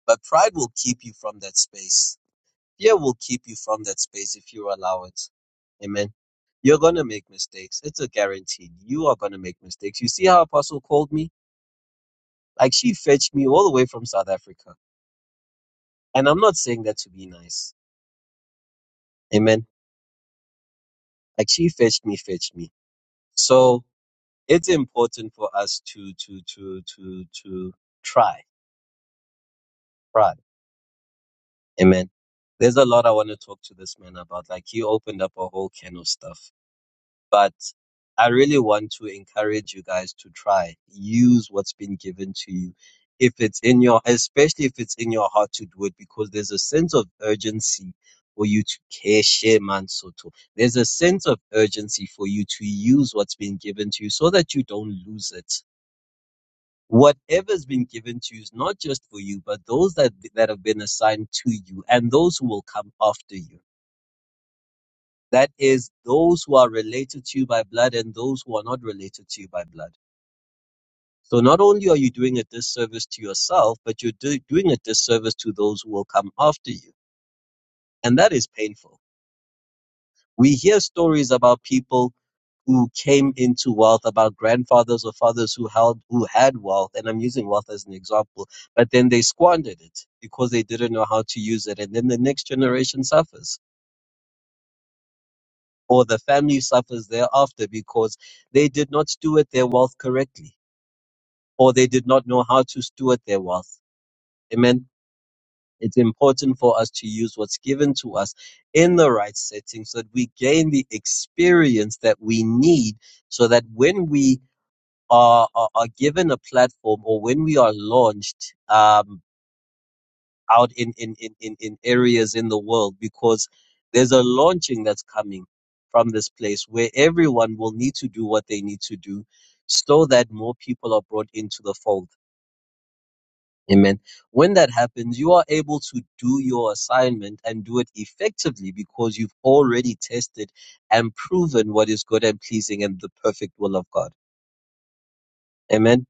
Speaker 4: But pride will keep you from that space. Fear will keep you from that space if you allow it. Amen. You're going to make mistakes. It's a guarantee. You are going to make mistakes. You see how Apostle called me? Like she fetched me all the way from South Africa. And I'm not saying that to be nice. Amen Like she fetched me, fetched me. So it's important for us to to to to to try, try. Amen. There's a lot I want to talk to this man about. Like he opened up a whole can of stuff. but I really want to encourage you guys to try. Use what's been given to you. If it's in your, especially if it's in your heart to do it, because there's a sense of urgency for you to care, share, man, soto. There's a sense of urgency for you to use what's been given to you so that you don't lose it. Whatever's been given to you is not just for you, but those that, that have been assigned to you and those who will come after you that is, those who are related to you by blood and those who are not related to you by blood. So not only are you doing a disservice to yourself, but you're do- doing a disservice to those who will come after you. And that is painful. We hear stories about people who came into wealth, about grandfathers or fathers who held who had wealth, and I'm using wealth as an example, but then they squandered it because they didn't know how to use it, and then the next generation suffers. or the family suffers thereafter because they did not steward their wealth correctly or they did not know how to steward their wealth. Amen. It's important for us to use what's given to us in the right setting so that we gain the experience that we need so that when we are, are, are given a platform or when we are launched, um, out in, in, in, in, in areas in the world because there's a launching that's coming from this place where everyone will need to do what they need to do so that more people are brought into the fold. Amen. When that happens, you are able to do your assignment and do it effectively because you've already tested and proven what is good and pleasing and the perfect will of God. Amen.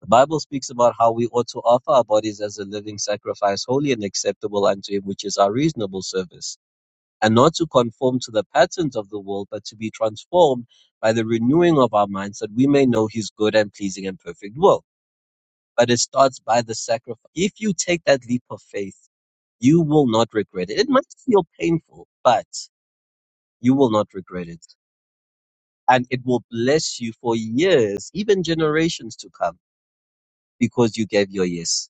Speaker 4: The Bible speaks about how we ought to offer our bodies as a living sacrifice, holy and acceptable unto Him, which is our reasonable service. and not to conform to the patterns of the world, but to be transformed by the renewing of our minds that we may know his good and pleasing and perfect will. But it starts by the sacrifice. If you take that leap of faith, you will not regret it. It might feel painful, but you will not regret it. And it will bless you for years, even generations to come, because you gave your yes.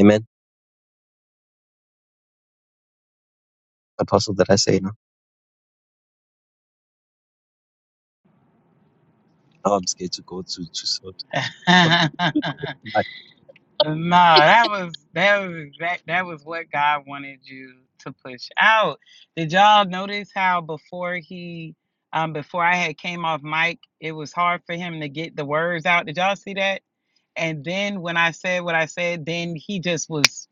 Speaker 4: Amen. Apostle, that I say no. Now I'm scared to go to, to so.
Speaker 5: now Nah, that was that was exact that was what God wanted you to push out. Did y'all notice how before he um before I had came off mic, it was hard for him to get the words out. Did y'all see that? And then when I said what I said, then he just was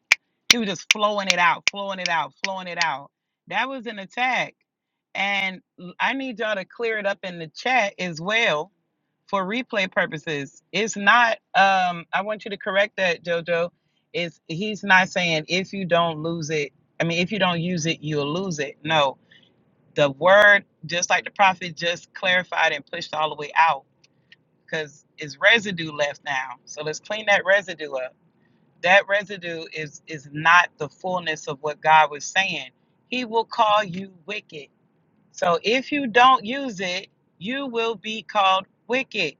Speaker 5: he was just flowing it out, flowing it out, flowing it out. That was an attack. And l- I need y'all to clear it up in the chat as well for replay purposes. It's not. Um, I want you to correct that, Jojo. Is he's not saying if you don't lose it. I mean, if you don't use it, you'll lose it. No, the word, just like the prophet, just clarified and pushed all the way out because it's residue left now. So let's clean that residue up. That residue is is not the fullness of what God was saying. He will call you wicked. So if you don't use it, you will be called wicked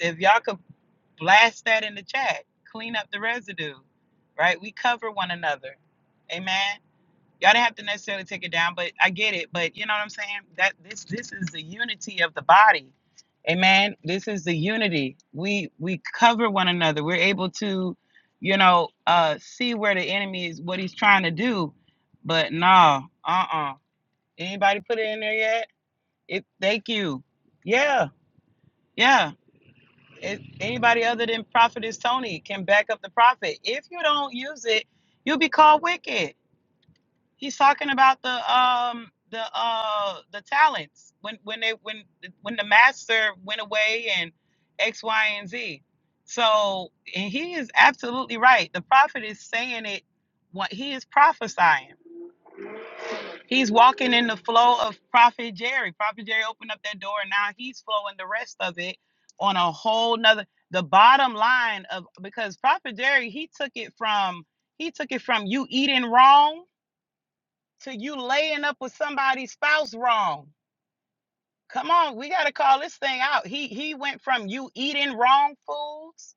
Speaker 5: if y'all could blast that in the chat. Clean up the residue, right? We cover one another. Amen. Y'all didn't have to necessarily take it down, but I get it. But you know what I'm saying? That this this is the unity of the body. Amen. This is the unity. We we cover one another. We're able to, you know, uh see where the enemy is, what he's trying to do. But no, uh-uh. Anybody put it in there yet? It thank you. Yeah, yeah it, anybody other than prophetess tony can back up the prophet if you don't use it you'll be called wicked he's talking about the um the uh the talents when when they when when the master went away and x y and z so and he is absolutely right the prophet is saying it what he is prophesying He's walking in the flow of Prophet Jerry. Prophet Jerry opened up that door and now he's flowing the rest of it on a whole nother the bottom line of because Prophet Jerry, he took it from he took it from you eating wrong to you laying up with somebody's spouse wrong. Come on, we gotta call this thing out. He he went from you eating wrong foods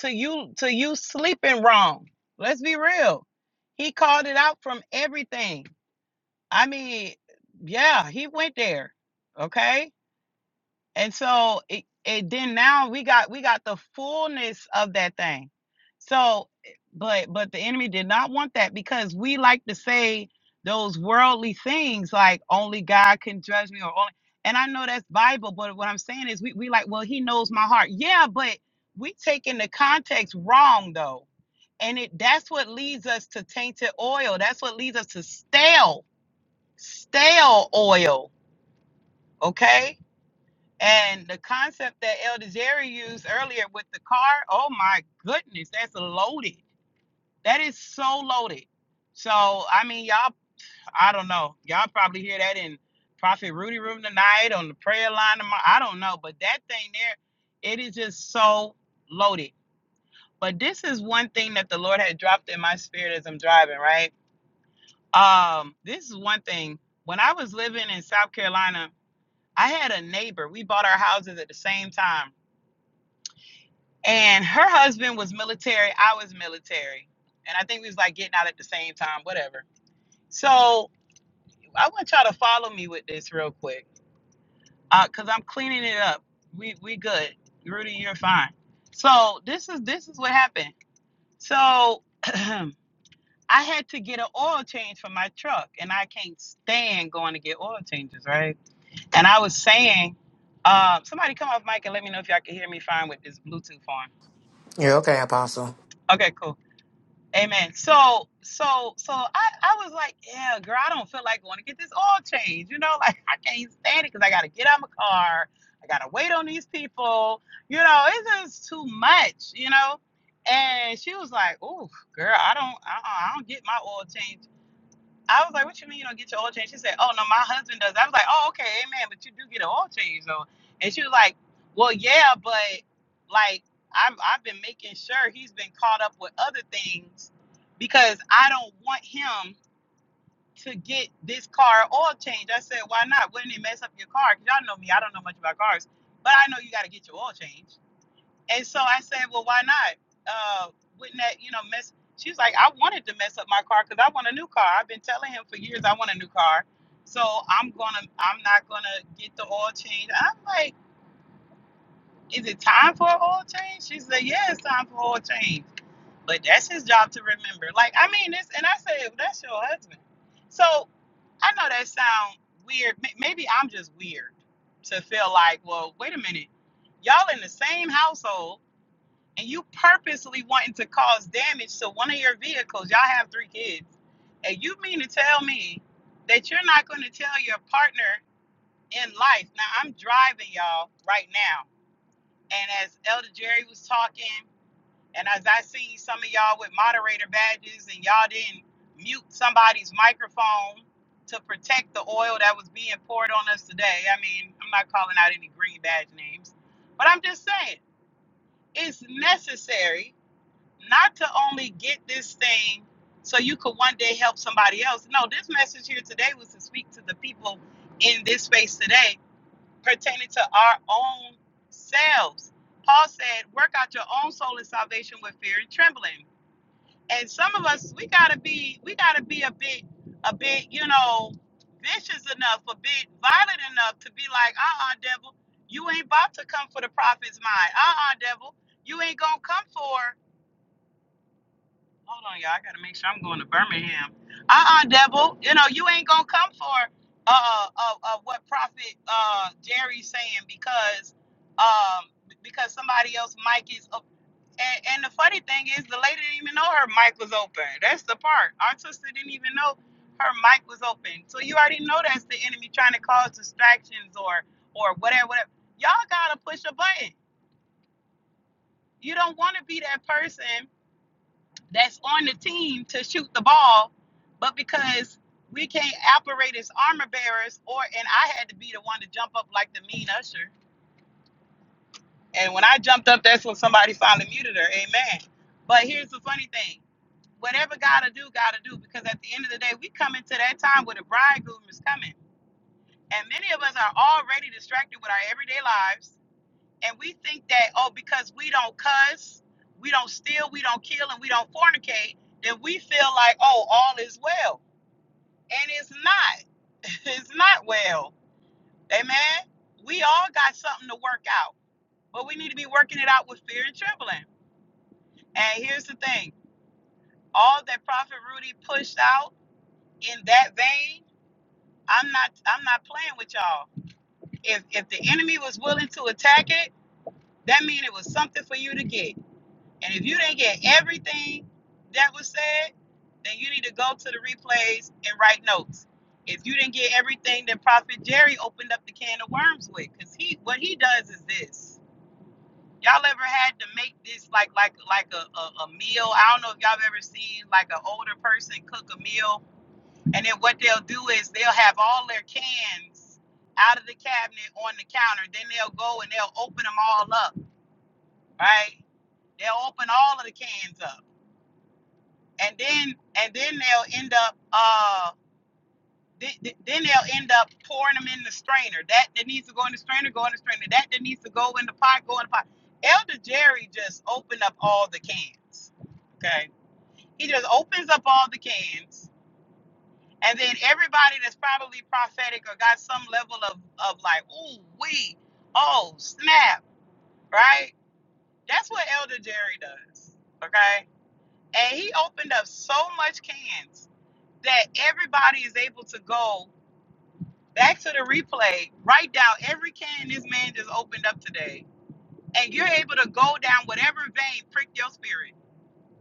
Speaker 5: to you to you sleeping wrong. Let's be real. He called it out from everything. I mean, yeah, he went there. Okay. And so it, it then now we got we got the fullness of that thing. So but but the enemy did not want that because we like to say those worldly things like only God can judge me or only and I know that's Bible, but what I'm saying is we, we like, well, he knows my heart. Yeah, but we taking the context wrong though. And it that's what leads us to tainted oil. That's what leads us to stale stale oil, okay? And the concept that Elder Jerry used earlier with the car, oh my goodness, that's loaded. That is so loaded. So, I mean, y'all, I don't know. Y'all probably hear that in Prophet Rudy Room tonight on the prayer line. Tomorrow. I don't know, but that thing there, it is just so loaded. But this is one thing that the Lord had dropped in my spirit as I'm driving, right? Um, this is one thing. When I was living in South Carolina, I had a neighbor. We bought our houses at the same time. And her husband was military. I was military. And I think we was like getting out at the same time, whatever. So I want y'all to follow me with this real quick. Uh, cause I'm cleaning it up. We we good. Rudy, you're fine. So this is this is what happened. So I had to get an oil change for my truck, and I can't stand going to get oil changes, right? And I was saying, uh, somebody come off mic and let me know if y'all can hear me fine with this Bluetooth on.
Speaker 2: You're okay, Apostle.
Speaker 5: Okay, cool. Amen. So, so, so I, I was like, yeah, girl, I don't feel like going to get this oil change. You know, like I can't stand it because I got to get out my car. I got to wait on these people. You know, it's just too much, you know? And she was like, oh, girl, I don't, uh I don't get my oil change. I was like, "What you mean you don't get your oil change?" She said, "Oh no, my husband does." I was like, "Oh okay, amen." But you do get an oil change though. And she was like, "Well, yeah, but like I'm I've been making sure he's been caught up with other things because I don't want him to get this car oil change." I said, "Why not? Wouldn't it mess up your car? Cause y'all know me. I don't know much about cars, but I know you got to get your oil change." And so I said, well, why not? Uh, wouldn't that, you know, mess? She was like, I wanted to mess up my car because I want a new car. I've been telling him for years I want a new car. So I'm gonna, I'm not gonna get the oil change. I'm like, is it time for an oil change? She said, yeah, it's time for oil change. But that's his job to remember. Like, I mean, this, and I said, "Well, that's your husband. So I know that sounds weird. May- Maybe I'm just weird to feel like, well, wait a minute, y'all in the same household and you purposely wanting to cause damage to one of your vehicles, y'all have three kids, and you mean to tell me that you're not going to tell your partner in life? Now I'm driving y'all right now, and as Elder Jerry was talking, and as I seen some of y'all with moderator badges, and y'all didn't mute somebody's microphone to protect the oil that was being poured on us today. I mean, I'm not calling out any green badge names, but I'm just saying it's necessary not to only get this thing so you could one day help somebody else. No, this message here today was to speak to the people in this space today pertaining to our own selves. Paul said, work out your own soul and salvation with fear and trembling. And some of us, we gotta be, we gotta be a bit, a bit, you know, vicious enough, a bit violent enough to be like, uh-uh, devil, you ain't about to come for the prophet's mind. Uh-uh, devil, you ain't gonna come for Hold on, y'all. I gotta make sure I'm going to Birmingham. Uh-uh, devil. You know you ain't gonna come for uh uh, uh uh, what Prophet uh Jerry's saying because um because somebody else mic is up. And, and the funny thing is, the lady didn't even know her mic was open. That's the part. Our sister didn't even know her mic was open. So you already know that's the enemy trying to cause distractions or or whatever. whatever. Y'all gotta push a button. You don't want to be that person that's on the team to shoot the ball, but because we can't operate as armor bearers, or and I had to be the one to jump up like the mean usher. And when I jumped up, that's when somebody finally muted her. Amen. But here's the funny thing: whatever gotta do, gotta do. Because at the end of the day, we come into that time where the bridegroom is coming, and many of us are already distracted with our everyday lives and we think that oh because we don't cuss we don't steal we don't kill and we don't fornicate then we feel like oh all is well and it's not it's not well amen we all got something to work out but we need to be working it out with fear and trembling and here's the thing all that prophet rudy pushed out in that vein i'm not i'm not playing with y'all if if the enemy was willing to attack it that means it was something for you to get And if you didn't get everything that was said, then you need to go to the replays and write notes. If you didn't get everything that Prophet Jerry opened up the can of worms with, because he what he does is this. Y'all ever had to make this like like like a, a, a meal? I don't know if y'all ever seen like an older person cook a meal, and then what they'll do is they'll have all their cans out of the cabinet on the counter. Then they'll go and they'll open them all up, right? They'll open all of the cans up and then and then they'll end up uh th- th- then they'll end up pouring them in the strainer. That that needs to go in the strainer, go in the strainer. That that needs to go in the pot, go in the pot. Elder Jerry just opened up all the cans. Okay, he just opens up all the cans, and then everybody that's probably prophetic or got some level of of like, ooh wee, oh snap, right? That's what Elder Jerry does. Okay, and he opened up so much cans that everybody is able to go back to the replay, write down every can this man just opened up today, and you're able to go down whatever vein prick your spirit.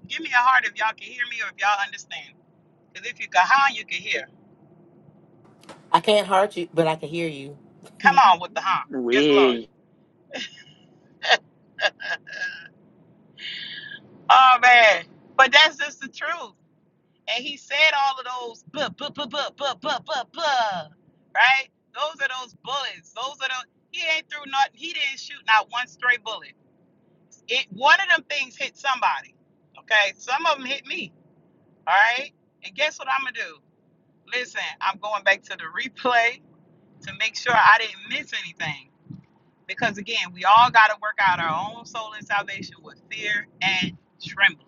Speaker 5: Give me a heart if y'all can hear me or if y'all understand. Because if you can huh, you can hear.
Speaker 2: I can't hurt you, but I can hear you.
Speaker 5: Come on with the huh. Yes, Lord.
Speaker 3: Well,
Speaker 5: Oh man. But that's just the truth. And he said all of those buh, buh, buh, buh, buh, buh, buh, buh. Right? Those are those bullets. Those are the he ain't threw nothing. He didn't shoot not one stray bullet. It one of them things hit somebody. Okay, some of them hit me. All right, and guess what I'm gonna do? Listen, I'm going back to the replay to make sure I didn't miss anything. Because again, we all gotta work out our own soul and salvation with fear and trembling.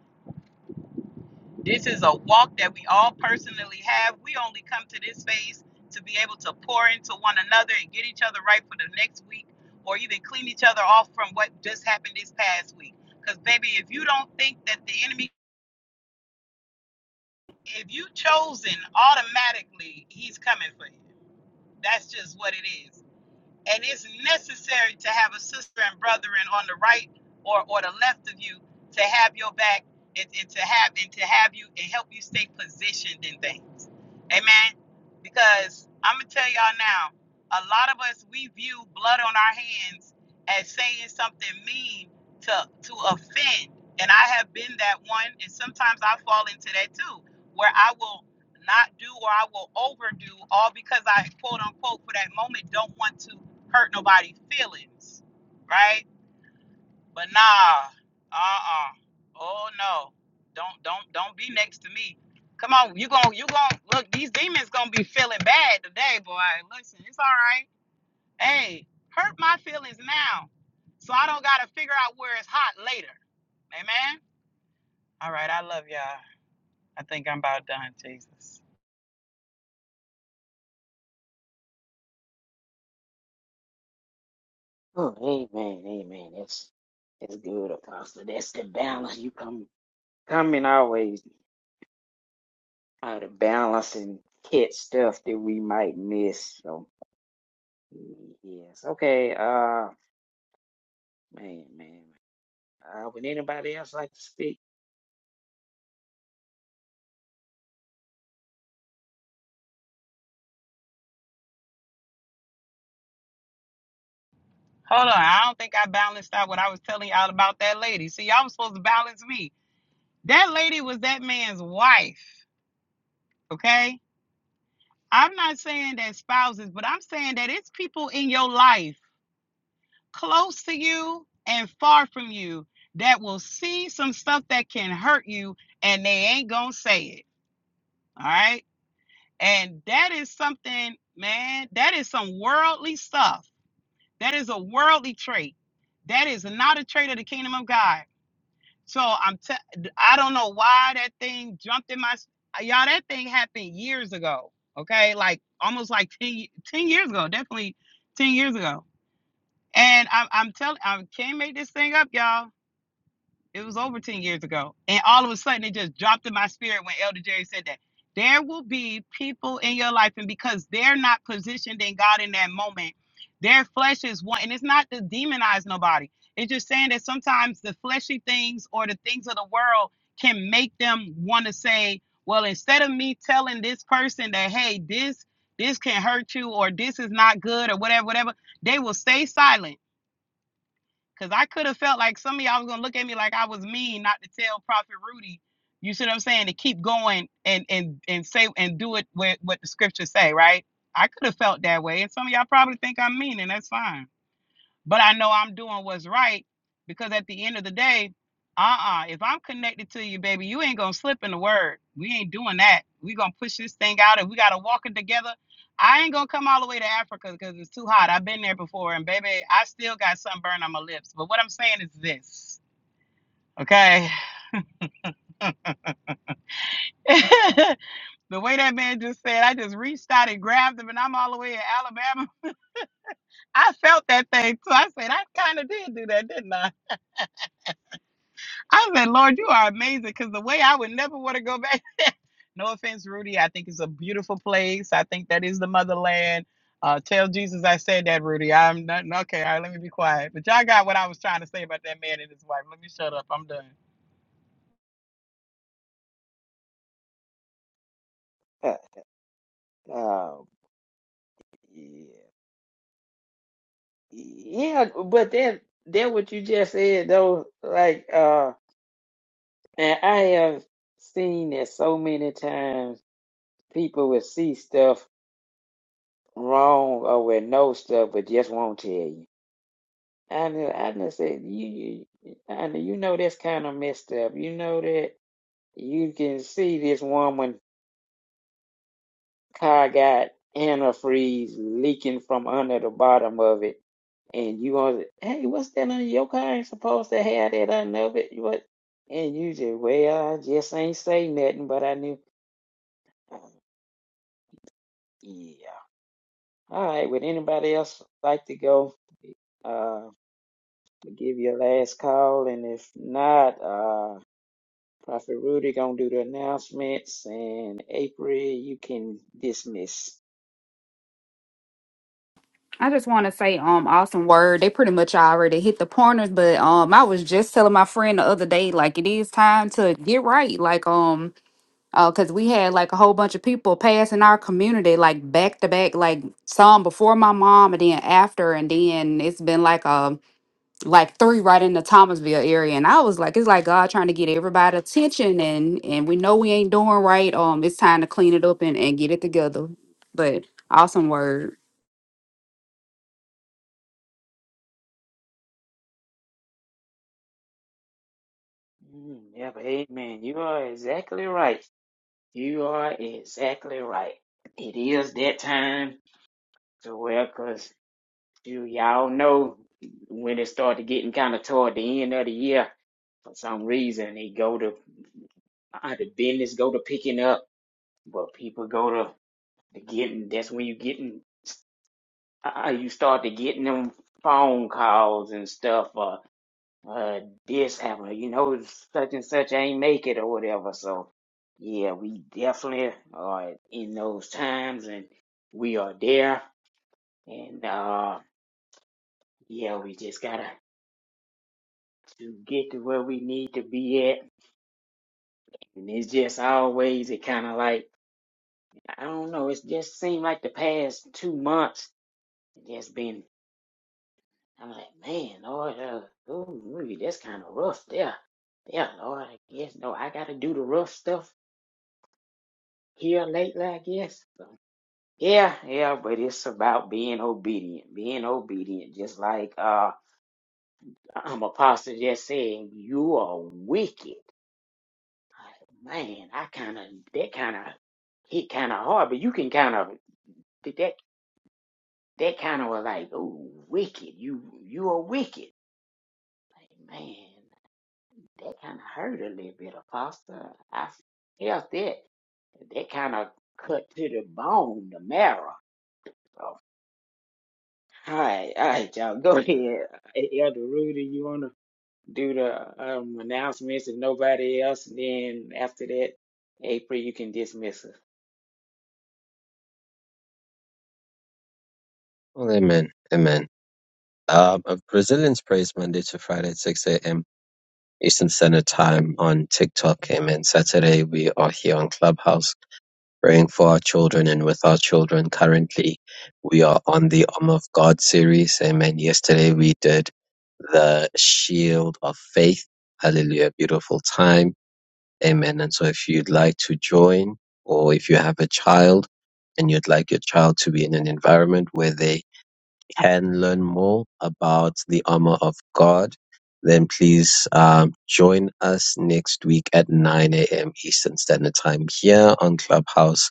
Speaker 5: This is a walk that we all personally have. We only come to this phase to be able to pour into one another and get each other right for the next week, or even clean each other off from what just happened this past week. Because, baby, if you don't think that the enemy If you chosen, automatically he's coming for you. That's just what it is. And it's necessary to have a sister and brethren on the right or, or the left of you to have your back and, and to have and to have you and help you stay positioned in things. Amen. Because I'm gonna tell y'all now, a lot of us we view blood on our hands as saying something mean to to offend. And I have been that one, and sometimes I fall into that too, where I will not do or I will overdo all because I quote unquote for that moment don't want to hurt nobody's feelings, right? But nah, uh-uh. Oh no. Don't don't don't be next to me. Come on, you gon' you gon' look, these demons gonna be feeling bad today, boy. Listen, it's all right. Hey, hurt my feelings now. So I don't gotta figure out where it's hot later. Amen. All right, I love y'all. I think I'm about done, Jesus.
Speaker 3: Oh, amen, amen. That's that's good, Apostle. That's the balance. You come coming always out of balance and catch stuff that we might miss. So yes, okay. Uh, man, man. Uh, would anybody else like to speak?
Speaker 5: Hold on, I don't think I balanced out what I was telling y'all about that lady. See, y'all was supposed to balance me. That lady was that man's wife. Okay? I'm not saying that spouses, but I'm saying that it's people in your life, close to you and far from you, that will see some stuff that can hurt you and they ain't going to say it. All right? And that is something, man, that is some worldly stuff. That is a worldly trait. That is not a trait of the kingdom of God. So I'm t- I am i do not know why that thing jumped in my y'all that thing happened years ago. Okay? Like almost like 10, 10 years ago, definitely 10 years ago. And I'm I'm telling I can't make this thing up, y'all. It was over 10 years ago. And all of a sudden, it just dropped in my spirit when Elder Jerry said that. There will be people in your life, and because they're not positioned in God in that moment, their flesh is one. And it's not to demonize nobody, it's just saying that sometimes the fleshy things or the things of the world can make them want to say, well, instead of me telling this person that, hey, this this can hurt you or this is not good or whatever, whatever, they will stay silent Cause I could have felt like some of y'all was gonna look at me like I was mean not to tell Prophet Rudy. You see what I'm saying? To keep going and and and say and do it with what the scriptures say, right? I could have felt that way, and some of y'all probably think I'm mean, and that's fine but I know I'm doing what's right because at the end of the day, uh-uh, if I'm connected to you, baby, you ain't gonna slip in the word. We ain't doing that. We gonna push this thing out and we gotta walk it together. I ain't gonna come all the way to Africa because it's too hot. I've been there before, and baby, I still got sunburn on my lips. But what I'm saying is this, okay? the way that man just said, I just reached out and grabbed him, and I'm all the way in Alabama. I felt that thing, so I said, I kind of did do that, didn't I? I said, Lord, you are amazing because the way I would never want to go back there. no offense, Rudy. I think it's a beautiful place. I think that is the motherland. Uh, tell Jesus I said that, Rudy. I'm not okay. All right, let me be quiet. But y'all got what I was trying to say about that man and his wife. Let me shut up. I'm done.
Speaker 3: Uh, uh yeah, yeah. But that that what you just said though, like uh, and I have seen that so many times. People would see stuff wrong or with no stuff, but just won't tell you. I knew, I knew said you, you, I knew, you know that's kind of messed up. You know that you can see this woman car got antifreeze leaking from under the bottom of it, and you want hey, what's that under your car? Ain't supposed to have that under of it. What? And you just well, I just ain't say nothing, but I knew. Yeah. All right. Would anybody else like to go? Uh, to give your last call, and if not, uh, Prophet Rudy gonna do the announcements, and April, you can dismiss.
Speaker 6: I just want to say, um, awesome word. They pretty much already hit the pointers, but um, I was just telling my friend the other day, like it is time to get right, like um, uh, cause we had like a whole bunch of people pass in our community, like back to back, like some before my mom and then after, and then it's been like um, like three right in the Thomasville area, and I was like, it's like God trying to get everybody attention, and and we know we ain't doing right. Um, it's time to clean it up and and get it together. But awesome word.
Speaker 3: Mm, yeah, but amen. You are exactly right. You are exactly right. It is that time to well, cause you y'all know when it started getting kind of toward the end of the year. For some reason, they go to uh, the business go to picking up, but people go to the getting. That's when you getting. uh, you started getting them phone calls and stuff. Uh, uh, this happened, you know, such and such ain't make it or whatever. So, yeah, we definitely are in those times, and we are there. And uh, yeah, we just gotta to get to where we need to be at. And it's just always it kind of like I don't know. It's just seemed like the past two months it just been I'm like, man, Lord, uh, ooh, ooh, that's kind of rough there. Yeah, Lord, I guess no, I gotta do the rough stuff here lately, I guess. So, yeah, yeah, but it's about being obedient, being obedient, just like uh, um, Apostle just said, you are wicked. Like, man, I kind of that kind of hit kind of hard, but you can kind of that that kind of was like, oh, wicked. You you are wicked. Like, man. that kind of hurt a little bit, Apostle. I felt it. That kind of cut to the bone, the marrow. So, all right, all right, y'all, go ahead. Elder Rudy, you want to do the um, announcements and nobody else? And then after that, April, you can dismiss us.
Speaker 4: Amen. Amen. Um, uh, Brazilians praise Monday to Friday at 6 a.m. Eastern Standard Time on TikTok. Amen. Saturday, we are here on Clubhouse praying for our children and with our children. Currently, we are on the Arm of God series. Amen. Yesterday, we did the Shield of Faith. Hallelujah. Beautiful time. Amen. And so if you'd like to join or if you have a child and you'd like your child to be in an environment where they can learn more about the armor of God, then please um, join us next week at 9 a.m. Eastern Standard Time here on Clubhouse,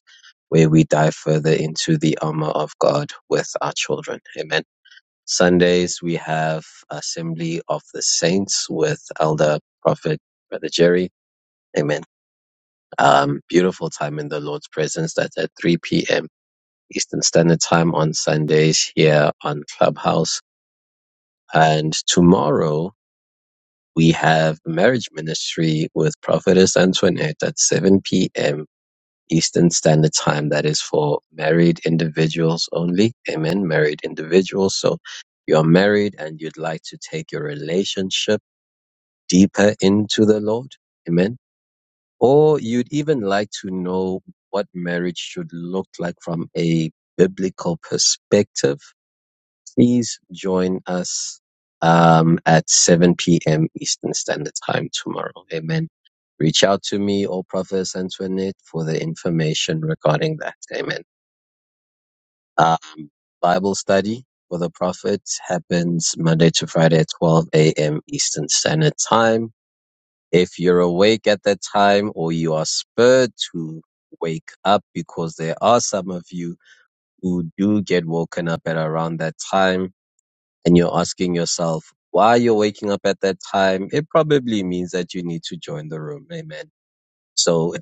Speaker 4: where we dive further into the armor of God with our children. Amen. Sundays, we have Assembly of the Saints with Elder Prophet Brother Jerry. Amen. Um, beautiful time in the Lord's presence. That's at 3 p.m. Eastern Standard Time on Sundays here on Clubhouse and tomorrow we have marriage ministry with Prophetess Antoinette at 7 p.m. Eastern Standard Time. That is for married individuals only. Amen. Married individuals. So you're married and you'd like to take your relationship deeper into the Lord. Amen. Or you'd even like to know what marriage should look like from a biblical perspective Please join us um, at 7 p.m. Eastern Standard Time tomorrow. Amen. Reach out to me or Prophetess Antoinette for the information regarding that. Amen. Um, Bible study for the prophets happens Monday to Friday at 12 a.m. Eastern Standard Time. If you're awake at that time or you are spurred to wake up because there are some of you who do get woken up at around that time and you're asking yourself why you're waking up at that time, it probably means that you need to join the room. Amen. So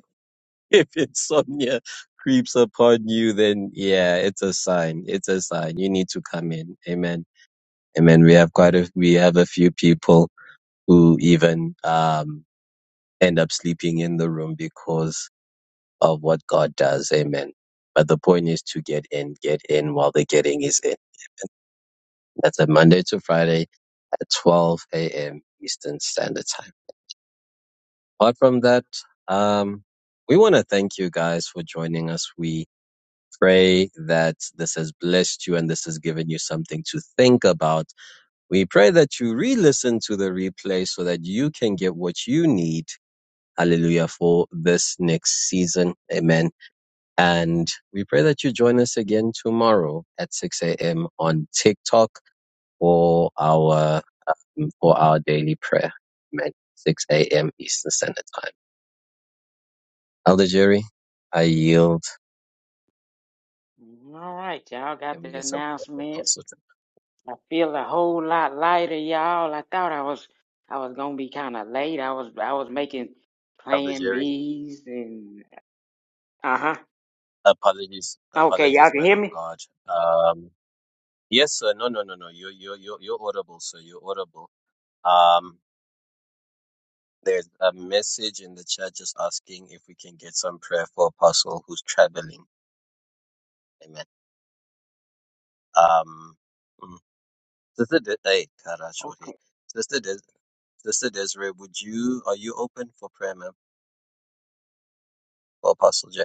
Speaker 4: if insomnia creeps upon you, then yeah, it's a sign. It's a sign. You need to come in. Amen. Amen. We have quite a, we have a few people who even, um, end up sleeping in the room because of what God does. Amen. But the point is to get in, get in while the getting is in. That's a Monday to Friday at 12 a.m. Eastern Standard Time. Apart from that, um, we want to thank you guys for joining us. We pray that this has blessed you and this has given you something to think about. We pray that you re listen to the replay so that you can get what you need. Hallelujah for this next season. Amen. And we pray that you join us again tomorrow at 6 a.m. on TikTok for our for our daily prayer. Amen. 6 a.m. Eastern Standard Time. Elder Jerry, I yield.
Speaker 3: All right, y'all got
Speaker 4: Can we
Speaker 3: the
Speaker 4: get some prayer from
Speaker 3: announcements.
Speaker 4: Apostle? Tim?
Speaker 3: I feel a whole lot lighter, y'all. I thought I was I was gonna be kind of late. I was I was making
Speaker 4: Elder
Speaker 3: plan
Speaker 4: Jerry,
Speaker 3: B's and uh-huh.
Speaker 4: apologies,
Speaker 3: Okay, y'all
Speaker 4: apologies,
Speaker 3: can
Speaker 4: man
Speaker 3: hear
Speaker 4: of
Speaker 3: me?
Speaker 4: God. Um, yes, sir. No, no, no, no. You're, you're, you're, you're audible, sir. You're audible. Um, there's a message in the chat just asking if we can get some prayer for Apostle who's traveling. Amen. Um, Sister, De- hey, God, I sure hate.
Speaker 3: Okay,
Speaker 4: Sister, Des- Sister Desiree, would you are you open for prayer, ma'am, for Apostle J?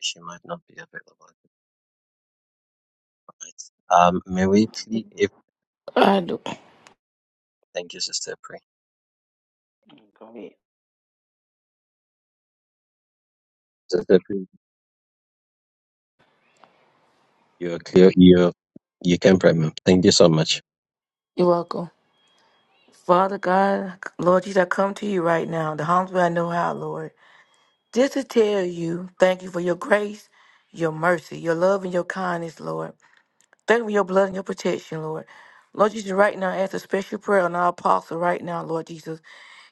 Speaker 4: She might not be available at the moment. Um, may we please? If
Speaker 7: I do.
Speaker 4: thank you, Sister Pray.
Speaker 3: go ahead.
Speaker 4: Sister Pray, you're clear. You you can pray, ma'am. Thank you so much.
Speaker 7: You're welcome. Father God, Lord Jesus, I come to you right now, the humble way I know how, Lord. Just to tell you, thank you for your grace, your mercy, your love, and your kindness, Lord. Thank you for your blood and your protection, Lord. Lord Jesus, right now, I ask a special prayer on our apostle right now, Lord Jesus.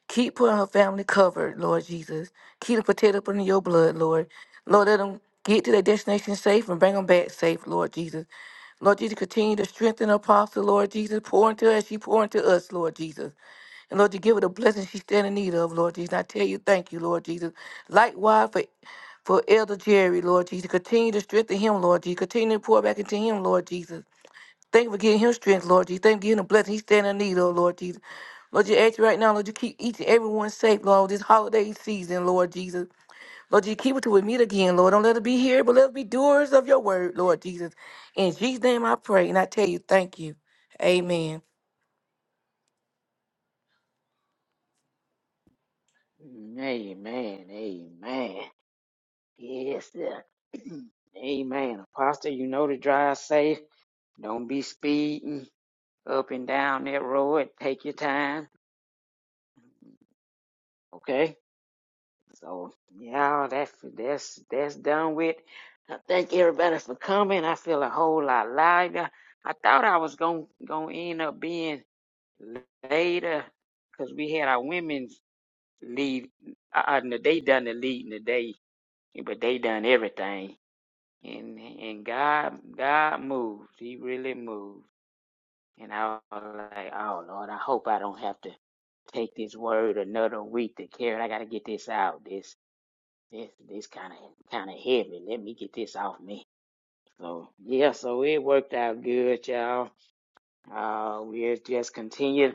Speaker 7: Keep her and her family covered, Lord Jesus. Keep the potato up under your blood, Lord. Lord, let them get to their destination safe and bring them back safe, Lord Jesus. Lord Jesus, continue to strengthen her apostle, Lord Jesus. Pour into her as she pour into us, Lord Jesus. And Lord, you give her the blessing she stand in need of, Lord Jesus. I tell you, thank you, Lord Jesus. Likewise for for Elder Jerry, Lord Jesus. Continue to strengthen him, Lord Jesus. Continue to pour back into him, Lord Jesus. Thank you for giving him strength, Lord Jesus. Thank you for giving him blessing. He's standing in need, oh Lord Jesus. Lord, you ask you right now, Lord, you keep each and everyone safe, Lord, this holiday season, Lord Jesus. Lord, you keep it till we meet again, Lord. Don't let us be here, but let us be doers of your word, Lord Jesus. In Jesus' name I pray, and I tell you, thank you. Amen.
Speaker 3: Amen, amen. Yes, sir. amen. Apostle, you know to drive safe. Don't be speeding up and down that road. Take your time, okay? So, y'all, that's, that's, that's done with. I thank everybody for coming. I feel a whole lot lighter. I thought I was going to end up being later because we had our women's lead. I, I, they done the leading today, but they done everything. And and God God moves, He really moves, And I was like, oh Lord, I hope I don't have to take this word another week to carry. it. I gotta get this out. This this this kind of kind of heavy. Let me get this off me. So yeah, so it worked out good, y'all. Uh, we'll just continue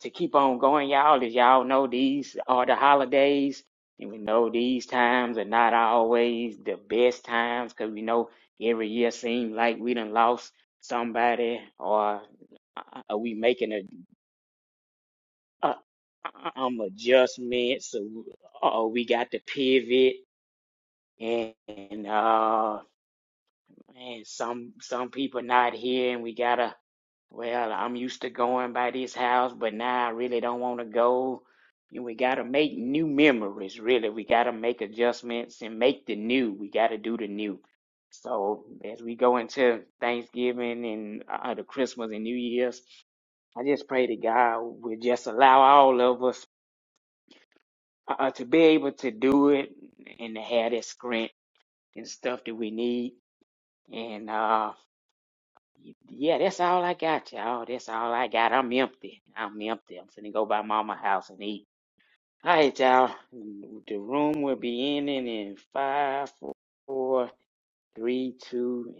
Speaker 3: to keep on going, y'all. As y'all know, these are the holidays, and we know these times are not always the best times because we know every year seems like we done lost somebody, or uh, are we making a, a um adjustments, so or we got to pivot, and, and uh, and some some people not here, and we gotta Well, I'm used to going by this house, but now I really don't want to go. And we got to make new memories, really. We got to make adjustments and make the new. We got to do the new. So as we go into Thanksgiving and uh, the Christmas and New Year's, I just pray to God will just allow all of us uh, to be able to do it and to have that strength and stuff that we need. And uh, Yeah, that's all I got, y'all. That's all I got. I'm empty. I'm empty. I'm finna go by mama house and eat. All right, y'all. The room will be ending in five, four, three, two,